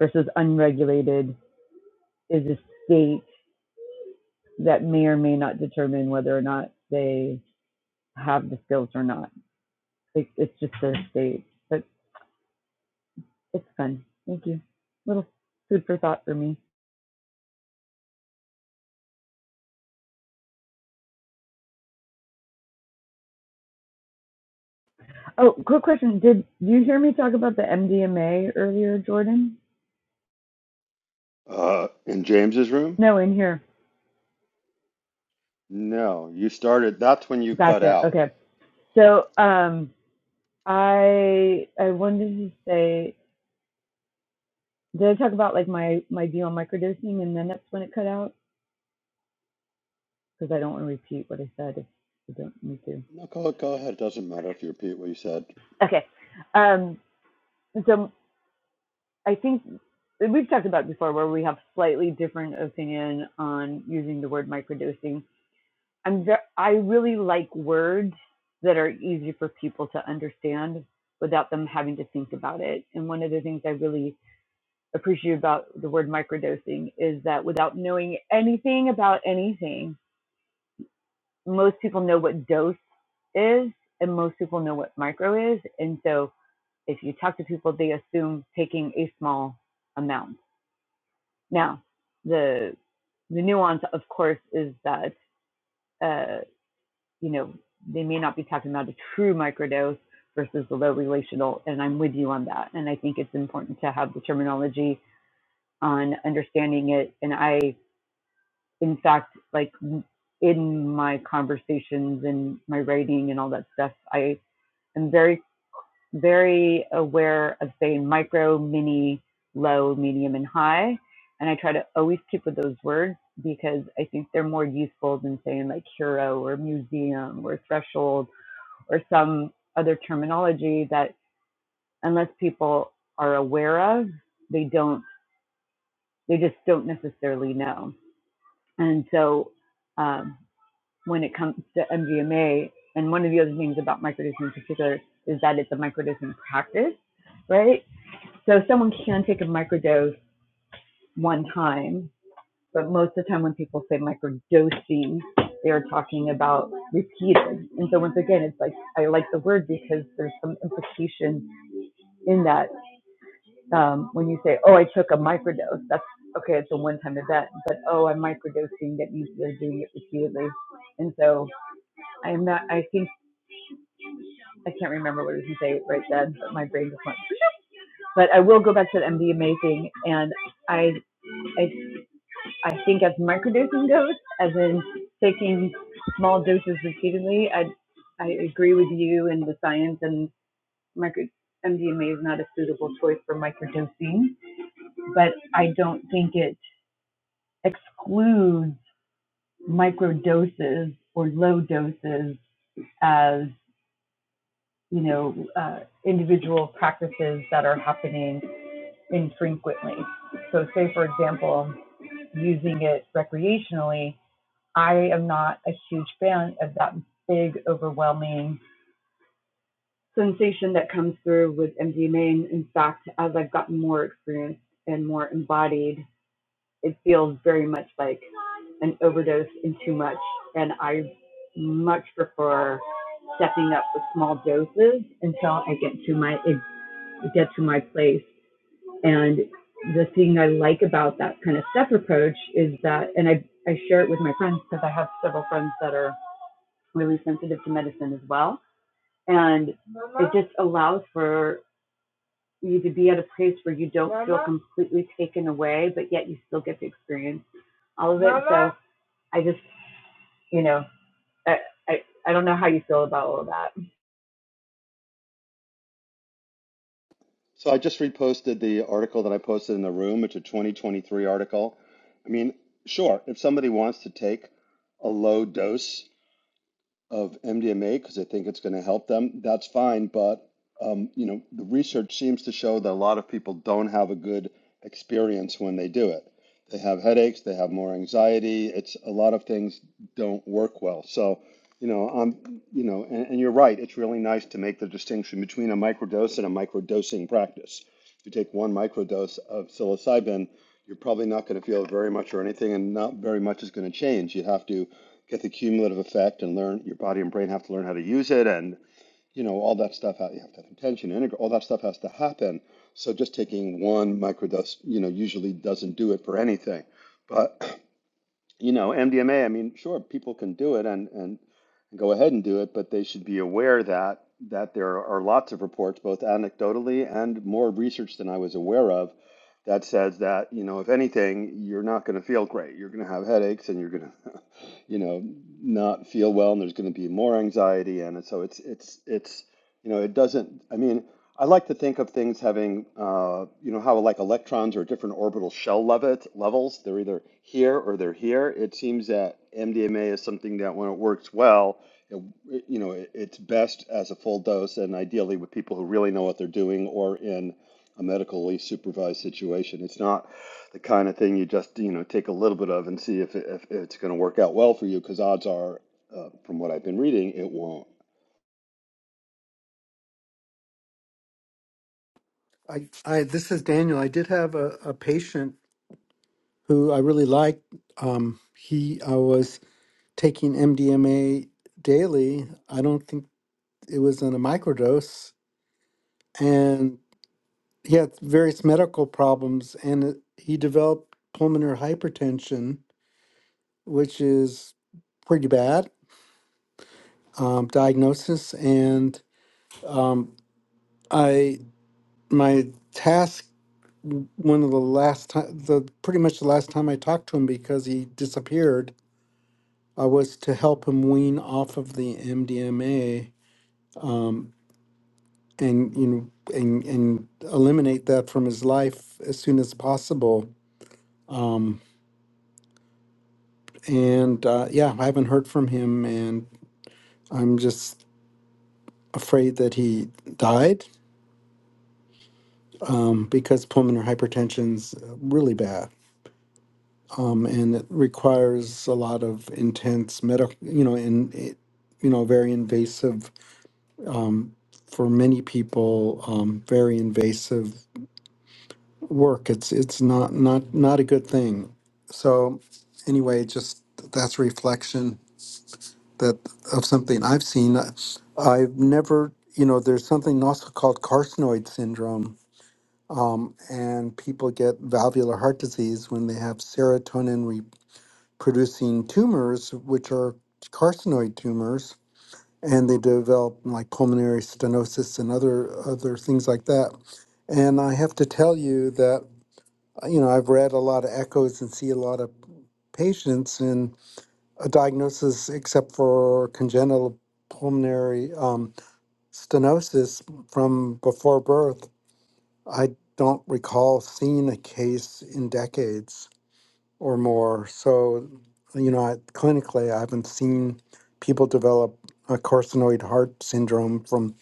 C: versus unregulated is a state that may or may not determine whether or not they have the skills or not. It, it's just their stage, but it's fun. Thank you. Little food for thought for me. Oh, quick question. Did you hear me talk about the MDMA earlier, Jordan?
A: Uh, in James's room?
C: No, in here.
A: No, you started. That's when you cut
C: Gotcha.
A: out.
C: Okay. So, um, I I wanted to say, did I talk about like my my view on microdosing, and then that's when it cut out because I don't want to repeat what I said if I don't need to.
A: No, go go ahead. It doesn't matter if you repeat what you said.
C: Okay. Um, so I think we've talked about before where we have slightly different opinion on using the word microdosing. I'm ve- I really like words that are easy for people to understand without them having to think about it. And one of the things I really appreciate about the word microdosing is that without knowing anything about anything, most people know what dose is and most people know what micro is. And so if you talk to people, they assume taking a small amount Now, the the nuance, of course, is that uh, you know they may not be talking about a true microdose versus the low relational, and I'm with you on that. And I think it's important to have the terminology on understanding it. And I, in fact, like in my conversations and my writing and all that stuff, I am very very aware of saying micro, mini, low, medium, and high. And I try to always keep with those words because I think they're more useful than saying like hero or museum or threshold or some other terminology that unless people are aware of, they don't, they just don't necessarily know. And so um, when it comes to MGMA, and one of the other things about microdosing in particular is that it's a microdosing practice, right? So someone can take a microdose one time, but most of the time when people say microdosing, they're talking about repeated. And so once again, it's like I like the word because there's some implication in that um, when you say, "Oh, I took a microdose," that's okay. It's a one-time event, but oh, I'm microdosing. That means they're doing it repeatedly. And so I'm not. I think I can't remember what I was going to say right then, but my brain just went. But I will go back to the MDMA thing, and I I I think as microdosing goes, as in taking small doses repeatedly, I I agree with you in the science and micro MDMA is not a suitable choice for microdosing, but I don't think it excludes microdoses or low doses as you know uh, individual practices that are happening infrequently. So, say for example, using it recreationally I am not a huge fan of that big, overwhelming sensation that comes through with MDMA. in fact, as I've gotten more experienced and more embodied, it feels very much like an overdose and too much. And I much prefer stepping up with small doses until I get to my get to my place. And the thing I like about that kind of step approach is that, and I I share it with my friends because I have several friends that are really sensitive to medicine as well. And Mama? it just allows for you to be at a place where you don't Mama? feel completely taken away, but yet you still get to experience all of it. Mama? So I just, you know, I, I, I don't know how you feel about all of that.
A: So I just reposted the article that I posted in the room. It's a 2023 article. I mean, sure, if somebody wants to take a low dose of MDMA because they think it's going to help them, that's fine. But um, you know, the research seems to show that a lot of people don't have a good experience when they do it. They have headaches, they have more anxiety. It's a lot of things don't work well. So, you know, um, you know, and, and you're right. It's really nice to make the distinction between a microdose and a microdosing practice. If you take one microdose of psilocybin, you're probably not going to feel very much or anything, and not very much is going to change. You have to get the cumulative effect and learn your body and brain have to learn how to use it and you know all that stuff you have to have intention integrate all that stuff has to happen so just taking one microdose you know usually doesn't do it for anything but you know, MDMA, I mean, sure, people can do it and, and go ahead and do it, but they should be aware that that there are lots of reports, both anecdotally and more research than I was aware of, that says that, you know, if anything, you're not going to feel great. You're going to have headaches and you're going to, you know, not feel well and there's going to be more anxiety. And so it's, it's, it's, you know, it doesn't, I mean, I like to think of things having, uh, you know, how like electrons are different orbital shell levet levels. They're either here or they're here. It seems that MDMA is something that when it works well, it, it- you know, it, it's best as a full dose and ideally with people who really know what they're doing or in a medically supervised situation. It's not the kind of thing you just, you know, take a little bit of and see if, it, if it's going to work out well for you because odds are, uh, from what I've been reading, it won't.
D: I, I this is Daniel. I did have a, a patient who I really liked. Um, he I was taking MDMA daily. I don't think it was in a microdose, and he had various medical problems, and it, he developed pulmonary hypertension, which is pretty bad um, diagnosis, and um, I my task one of the last time the pretty much the last time i talked to him because he disappeared uh, was to help him wean off of the mdma um, and you know and and eliminate that from his life as soon as possible um, and uh, yeah i haven't heard from him and i'm just afraid that he died um, because pulmonary hypertension's really bad um, and it requires a lot of intense medical, you know, and it, you know, very invasive um, for many people. Um, very invasive work. It's it's not not not a good thing. So anyway, just that's a reflection that of something I've seen. I- I've never, you know, there's something also called carcinoid syndrome. Um, and people get valvular heart disease when they have serotonin producing tumors, which are carcinoid tumors, and they develop like pulmonary stenosis and other other things like that. And I have to tell you that uh, you know I've read a lot of echoes and see a lot of patients, and a diagnosis except for congenital pulmonary um, stenosis from before birth, I don't recall seeing a case in decades or more. So, you know, I- clinically, I haven't seen people develop a carcinoid heart syndrome from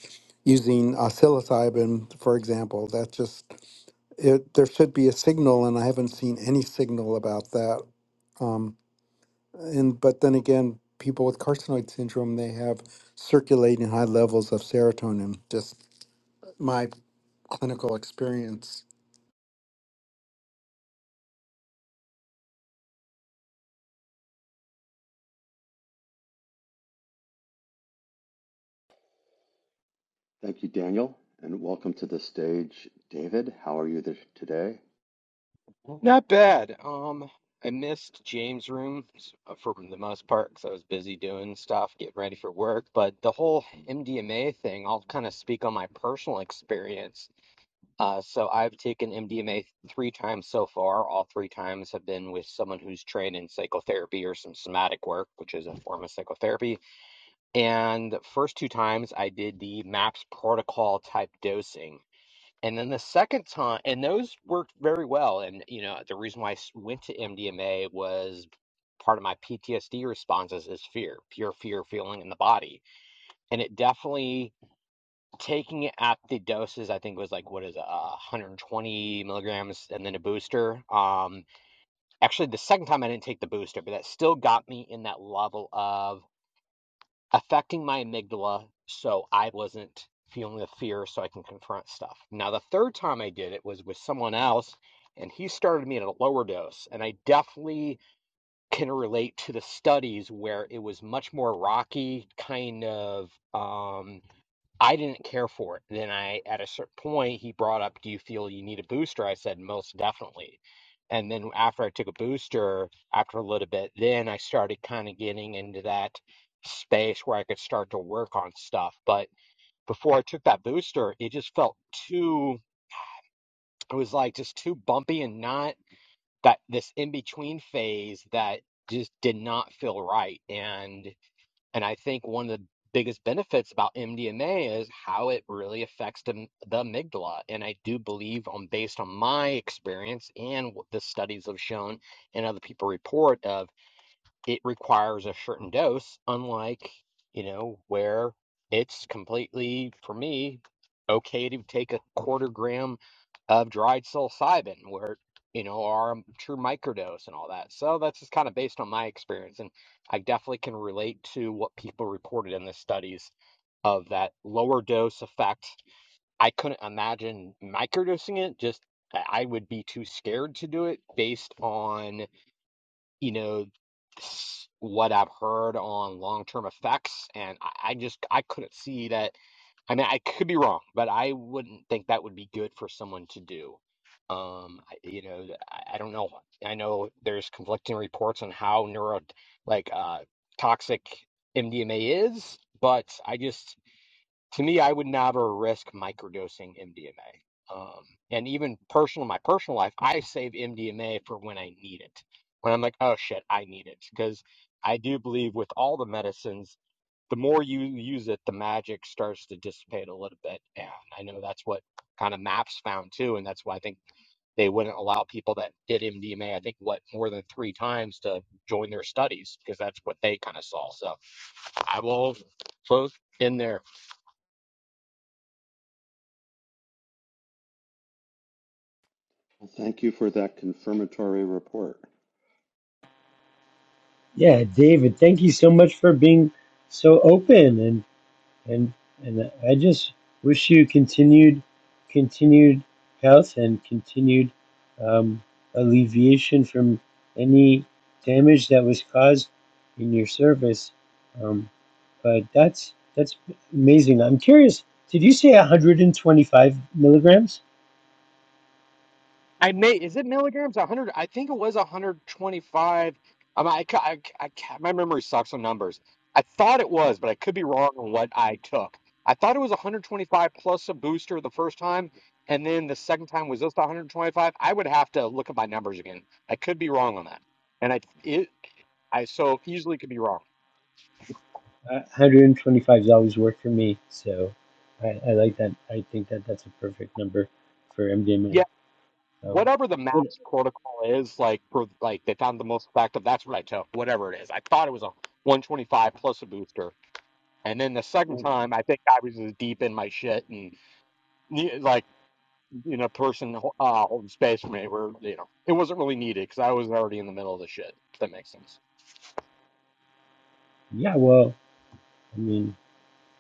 D: using uh, psilocybin, for example. That just, it, there should be a signal, and I haven't seen any signal about that. Um, and but then again, people with carcinoid syndrome, they have circulating high levels of serotonin. Just my clinical experience.
A: Thank you, Daniel, and welcome to the stage, David. How are you th- today?
E: Not bad. Um, I missed James' room s- uh, for the most part because I was busy doing stuff, getting ready for work. But the whole MDMA thing, I'll kind of speak on my personal experience. Uh, so I've taken MDMA three times so far. All three times have been with someone who's trained in psychotherapy or some somatic work, which is a form of psychotherapy. And the first two times I did the MAPS protocol type dosing. And then the second time, and those worked very well. And you know, the reason why I s- went to MDMA was part of my PTSD responses is fear, pure fear feeling in the body, and it definitely taking it at the doses. I think was like what is it, uh, 120 milligrams, and then a booster. Um, actually, the second time I didn't take the booster, but that still got me in that level of affecting my amygdala so I wasn't feeling the fear so I can confront stuff. Now, the third time I did it was with someone else, and he started me at a lower dose. And I definitely can relate to the studies where it was much more rocky, kind of um, I didn't care for it. And then I, at a certain point, he brought up, "Do you feel you need a booster?" I said, "Most definitely." And then after I took a booster, after a little bit, then I started kind of getting into that space where I could start to work on stuff. But before I took that booster, it just felt too. It was like just too bumpy and not that this in between phase that just did not feel right. And and I think one of the biggest benefits about MDMA is how it really affects the, the amygdala. And I do believe, on based on my experience and what the studies have shown, and other people report of it requires a certain dose, unlike, you know, where it's completely, for me, okay to take a quarter gram of dried psilocybin, where, you know, are a true microdose and all that. So that's just kind of based on my experience. And I definitely can relate to what people reported in the studies of that lower dose effect. I couldn't imagine microdosing it, just I would be too scared to do it based on you know, s- what I've heard on long-term effects, and I, I just I couldn't see that. I mean, I could be wrong, but I wouldn't think that would be good for someone to do. Um, I- you know, I, I don't know. I know there's conflicting reports on how neuro, like, uh, toxic MDMA is, but I just to me, I would never risk microdosing MDMA. Um, and even personal, my personal life, I save MDMA for when I need it. When I'm like, oh shit, I need it. Because I do believe with all the medicines, the more you use it, the magic starts to dissipate a little bit. And I know that's what kind of MAPS found too. And that's why I think they wouldn't allow people that did MDMA, I think, what, more than three times to join their studies, because that's what they kind of saw. So I will close in there.
A: Well, thank you for that confirmatory report.
B: Yeah, David, thank you so much for being so open and. and and I just wish you continued continued health and continued um, alleviation from any damage that was caused in your service. Um, but that's that's amazing. I'm curious. Did you say 125 milligrams?
E: I may, is it milligrams? 100, I think it was 125. Um, I, ca- I, I, ca- my memory sucks on numbers. I thought it was, but I could be wrong on what I took. I thought it was 125 plus a booster the first time, and then the second time was just 125. I would have to look at my numbers again. I could be wrong on that. And I, it, I so easily could be wrong.
B: Uh, 125 has always worked for me, so I, I like that. I think that that's a perfect number for MDMA.
E: Yeah,
B: Um,
E: whatever the
B: but
E: MAPS protocol is, like for like they found the most effective. That's what I took. Whatever it is, I thought it was a 125 plus a booster. And then the second
B: uh,
E: time, I think I was as deep in my shit and ne- like you know, person uh, holding space for me where you know it wasn't really needed because I was already in the middle of the shit. If that makes sense.
B: yeah, well, I mean.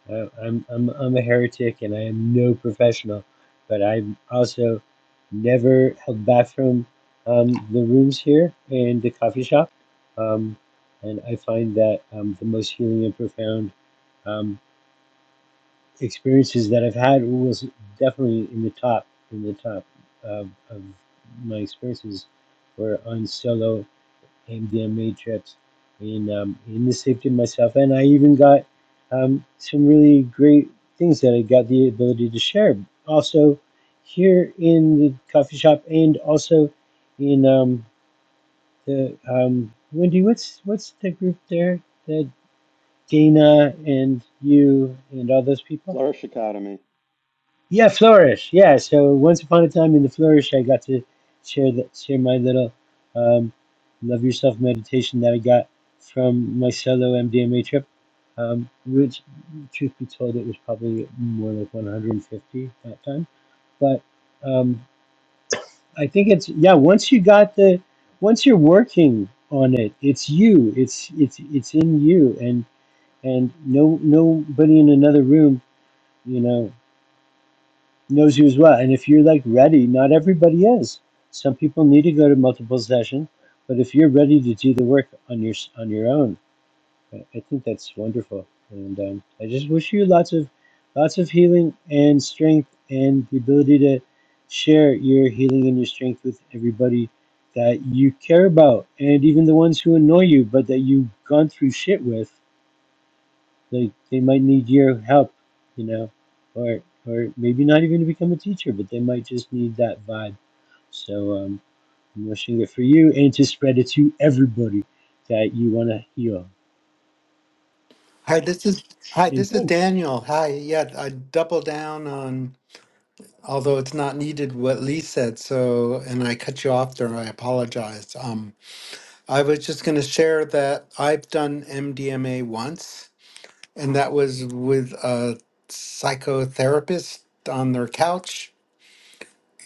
B: I, I'm, I'm, I'm a heretic and I am no professional, but I'm also never held back from um, the rooms here and the coffee shop. Um, and I find that um, the most healing and profound um, experiences that I've had was definitely in the top, in the top of, of my experiences were on solo MDM Matrix, in um, in the safety of myself, and I even got um, some really great things that I got the ability to share. Also, here in the coffee shop, and also in um, the um, Wendy, what's what's the group there that Dana and you and all those people?
A: Flourish Academy.
B: Yeah, Flourish. Yeah, so once upon a time in the Flourish, I got to share that share my little um, love yourself meditation that I got from my solo MDMA trip. Um, which, truth be told, it was probably more like 150 that time. But um, I think it's yeah. Once you got the, once you're working on it, it's you. It's it's it's in you, and and no nobody in another room. You know knows you as well. And if you're like ready, not everybody is. Some people need to go to multiple sessions, but if you're ready to do the work on your on your own, I I think that's wonderful. And um, I just wish you lots of lots of healing and strength and the ability to share your healing and your strength with everybody that you care about and even the ones who annoy you but that you've gone through shit with like they might need your help, you know, or or maybe not even to become a teacher, but they might just need that vibe. So um, I'm wishing it for you and to spread it to everybody that you want to heal.
D: Hi, this is hi,
B: And
D: this is
B: thanks,
D: Daniel. Hi, yeah, I double down on although it's not needed what Lee said. So, and I cut you off there. I apologize. Um, I was just going to share that I've done MDMA once, and that was with a psychotherapist on their couch,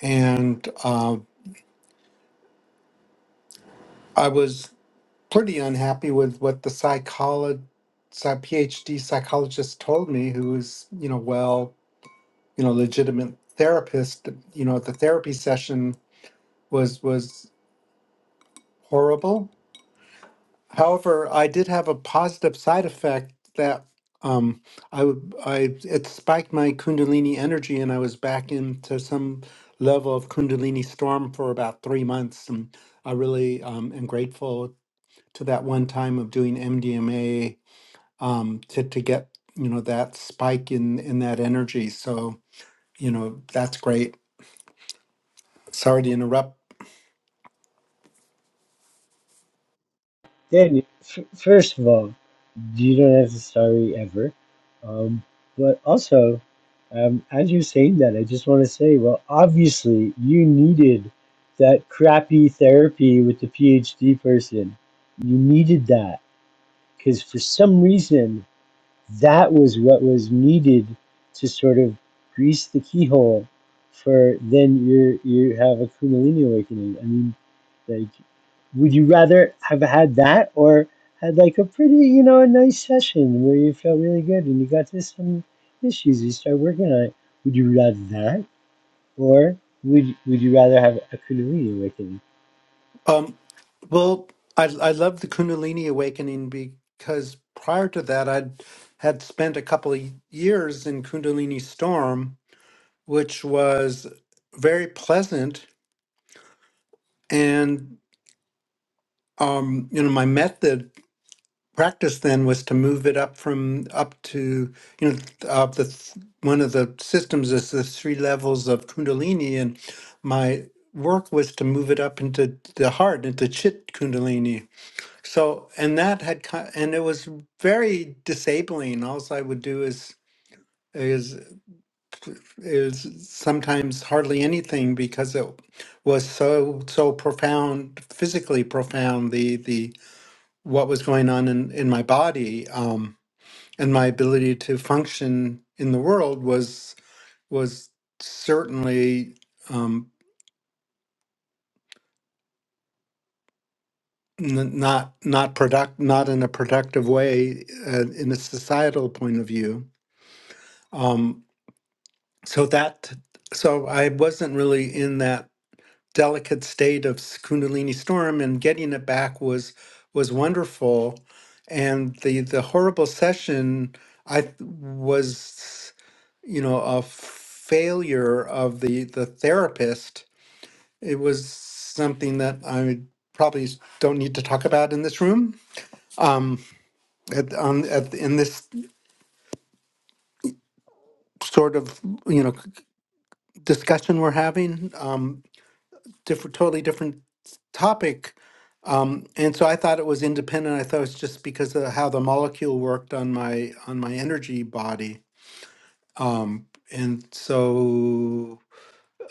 D: and uh, I was pretty unhappy with what the psychologist. PhD psychologist told me, who was, you know, well, you know, legitimate therapist, you know, the therapy session was was horrible However, I did have a positive side effect that um, I would I it spiked my Kundalini energy, and I was back into some level of Kundalini storm for about three months. And I really um, am grateful to that one time of doing MDMA um, to to get you know that spike in in that energy. So you know that's great. Sorry to interrupt.
B: Danny. F- first of all, you don't have to sorry ever, um, but also. Um, as you're saying that, I just want to say, well, obviously you needed that crappy therapy with the PhD person. You needed that. because for some reason that was what was needed to sort of grease the keyhole for then you you have a kundalini awakening i mean like would you rather have had that or had like a pretty you know a nice session where you felt really good and you got to some issues you start working on it would you rather that or would would you rather have a kundalini awakening
D: Um, well, I I love the Kundalini awakening because prior to that, I'd had spent a couple of years in Kundalini Storm, which was very pleasant. And um, you know, my method practice then was to move it up from up to you know uh, the th- one of the systems is the three levels of Kundalini, and my work was to move it up into the heart, into Chit Kundalini So, and that had, ki- and it was very disabling. All I would do is is is sometimes hardly anything because it was so so profound, physically profound. The the what was going on in in my body, um, and my ability to function in the world was was certainly um, n- not not product not in a productive way uh, in a societal point of view. Um, so that so i wasn't really in that delicate state of s- kundalini storm and getting it back was was wonderful and the the horrible session i th- was you know a failure of the the therapist it was something that i probably s- don't need to talk about in this room um at, on at, in this sort of you know c- discussion we're having Um. different, totally different topic. Um, and so I thought it was independent. I thought it was just because of how the molecule worked on my on my energy body. Um, and so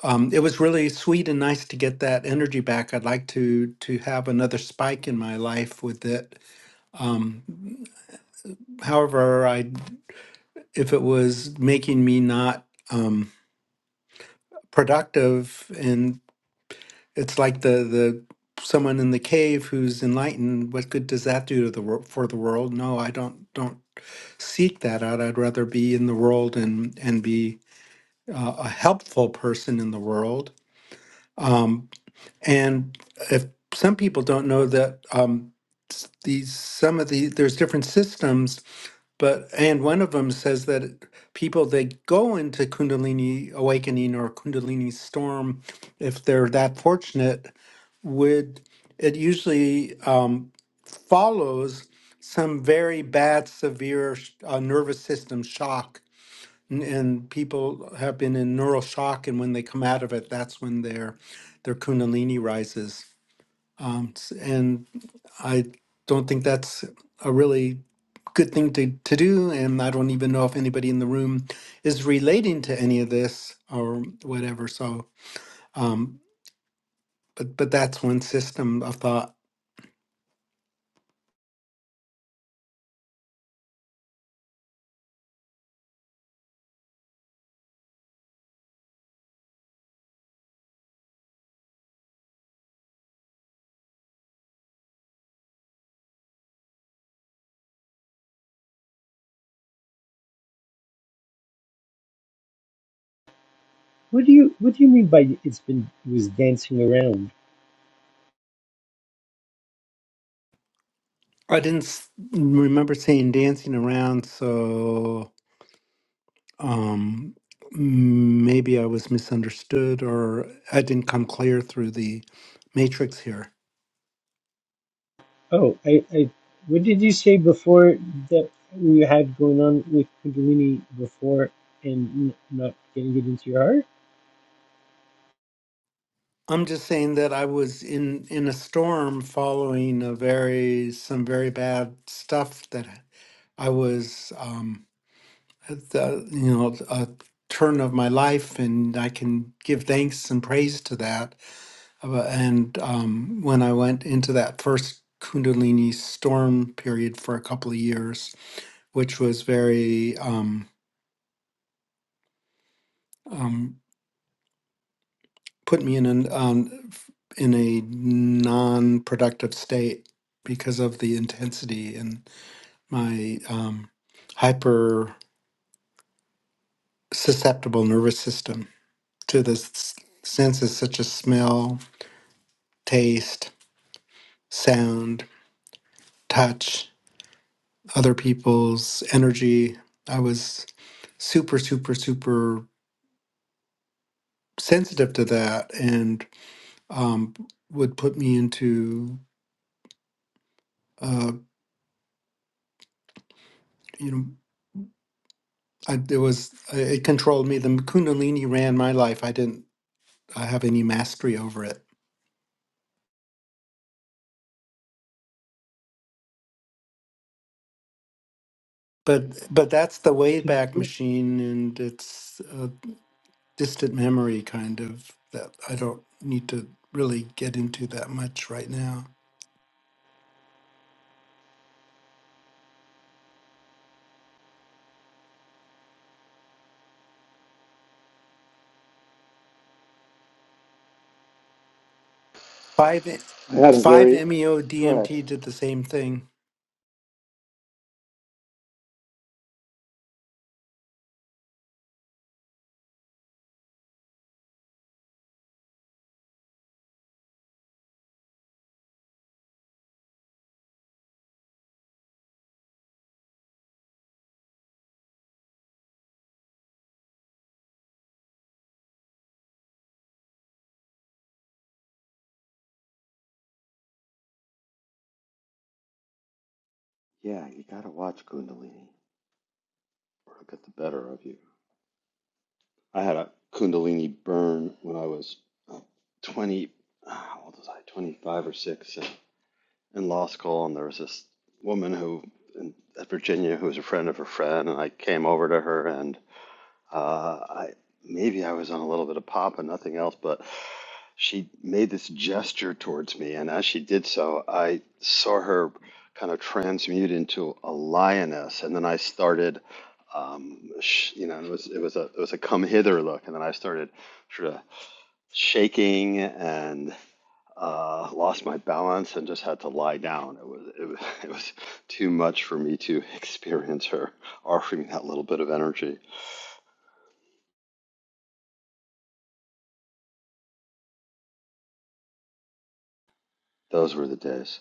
D: um, it was really sweet and nice to get that energy back. I'd like to to have another spike in my life with it. Um, however, I if it was making me not um, productive It's like the the someone in the cave who's enlightened. What good does that do to the wor- for the world? No, I don't don't seek that out. I'd rather be in the world and and be uh, a helpful person in the world. Um, and if some people don't know that um, s- these some of the there's different systems but and one of them says that people they go into Kundalini awakening or Kundalini storm, if they're that fortunate, would it usually um, follows some very bad, severe sh- uh, nervous system shock, and, and people have been in neural shock, and when they come out of it, that's when their their Kundalini rises. Um, s- and I don't think that's a really good thing to, to do. And I don't even know if anybody in the room is relating to any of this or whatever. So, um, but, but that's one system of thought.
B: what do you what do you mean by it's been was dancing around
D: I didn't s- remember seeing dancing around. So, um, maybe I was misunderstood or I didn't come clear through the matrix here.
B: Oh, I, I, what did you say before that we had going on with Kundalini before and n- not getting it into your heart?
D: I'm just saying that I was in in a storm following a very some very bad stuff that I was um at the, you know a turn of my life and I can give thanks and praise to that Uh, and um when I went into that first kundalini storm period for a couple of years which was very um um, put me in an um, in a non-productive state because of the intensity and my um, hyper susceptible nervous system to the s- senses such as smell, taste, sound, touch, other people's energy. I was super, super, super sensitive to that, and um, would put me into uh, you know I, it was it controlled me. The Kundalini ran my life. I didn't I have any mastery over it. But but that's the Wayback Machine, and it's a distant memory kind of that I don't need to really get into that much right now. Five E-
A: I had a
D: five
A: very
D: meo
A: go ahead.
D: DMT did the same thing.
A: Yeah, you gotta watch Kundalini, or it'll get the better of you. I had a Kundalini burn when I was uh, 20, uh, how old was I? 25 or 6, and in law school, and there was this woman who in at Virginia who was a friend of a friend, and I came over to her, and. Uh, I, maybe I was on a little bit of pop and nothing else, but she made this gesture towards me, and as she did so, I saw her kind of transmute into a lioness, and then I started, um, sh you know, it was it was a it was a come hither look, and then I started sort of shaking and uh, lost my balance and just had to lie down. It was it was it was too much for me to experience her offering me that little bit of energy. Those were the days.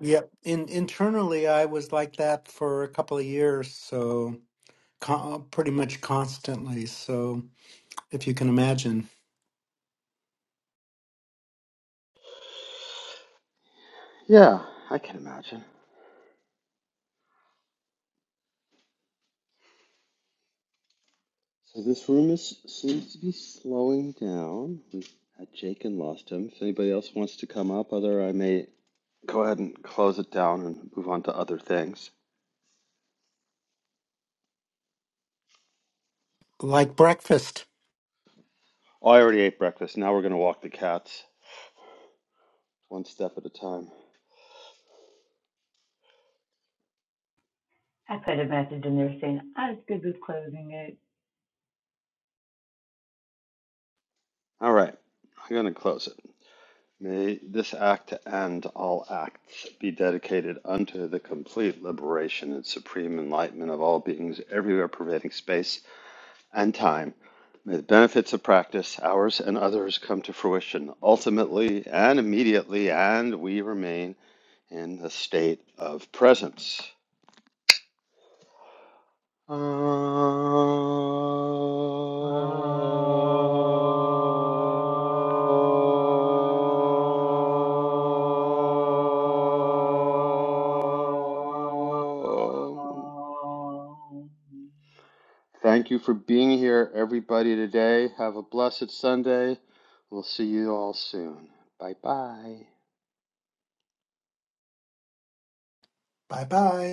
D: Yep. In internally, I was like that for a couple of years, so co- pretty much constantly. So if you can imagine,
A: Yeah, I can imagine. So this room is seems to be slowing down. We've had Jake and lost him. If anybody else wants to come up, other I may go ahead and close it down and move on to other things.
D: like breakfast.
A: Oh, I already ate breakfast. Now we're gonna walk the cats one step at a time.
C: I put a message in there saying I was good with closing it.
A: All right, I'm gonna close it. May this act and all acts be dedicated unto the complete liberation and supreme enlightenment of all beings everywhere pervading space and time. May the benefits of practice, ours and others, come to fruition ultimately and immediately, and we remain in the state of presence. Oh.
C: Ah.
A: Thank you for being here, everybody, today. Have a blessed Sunday. We'll see you all soon. Bye bye.
D: Bye bye.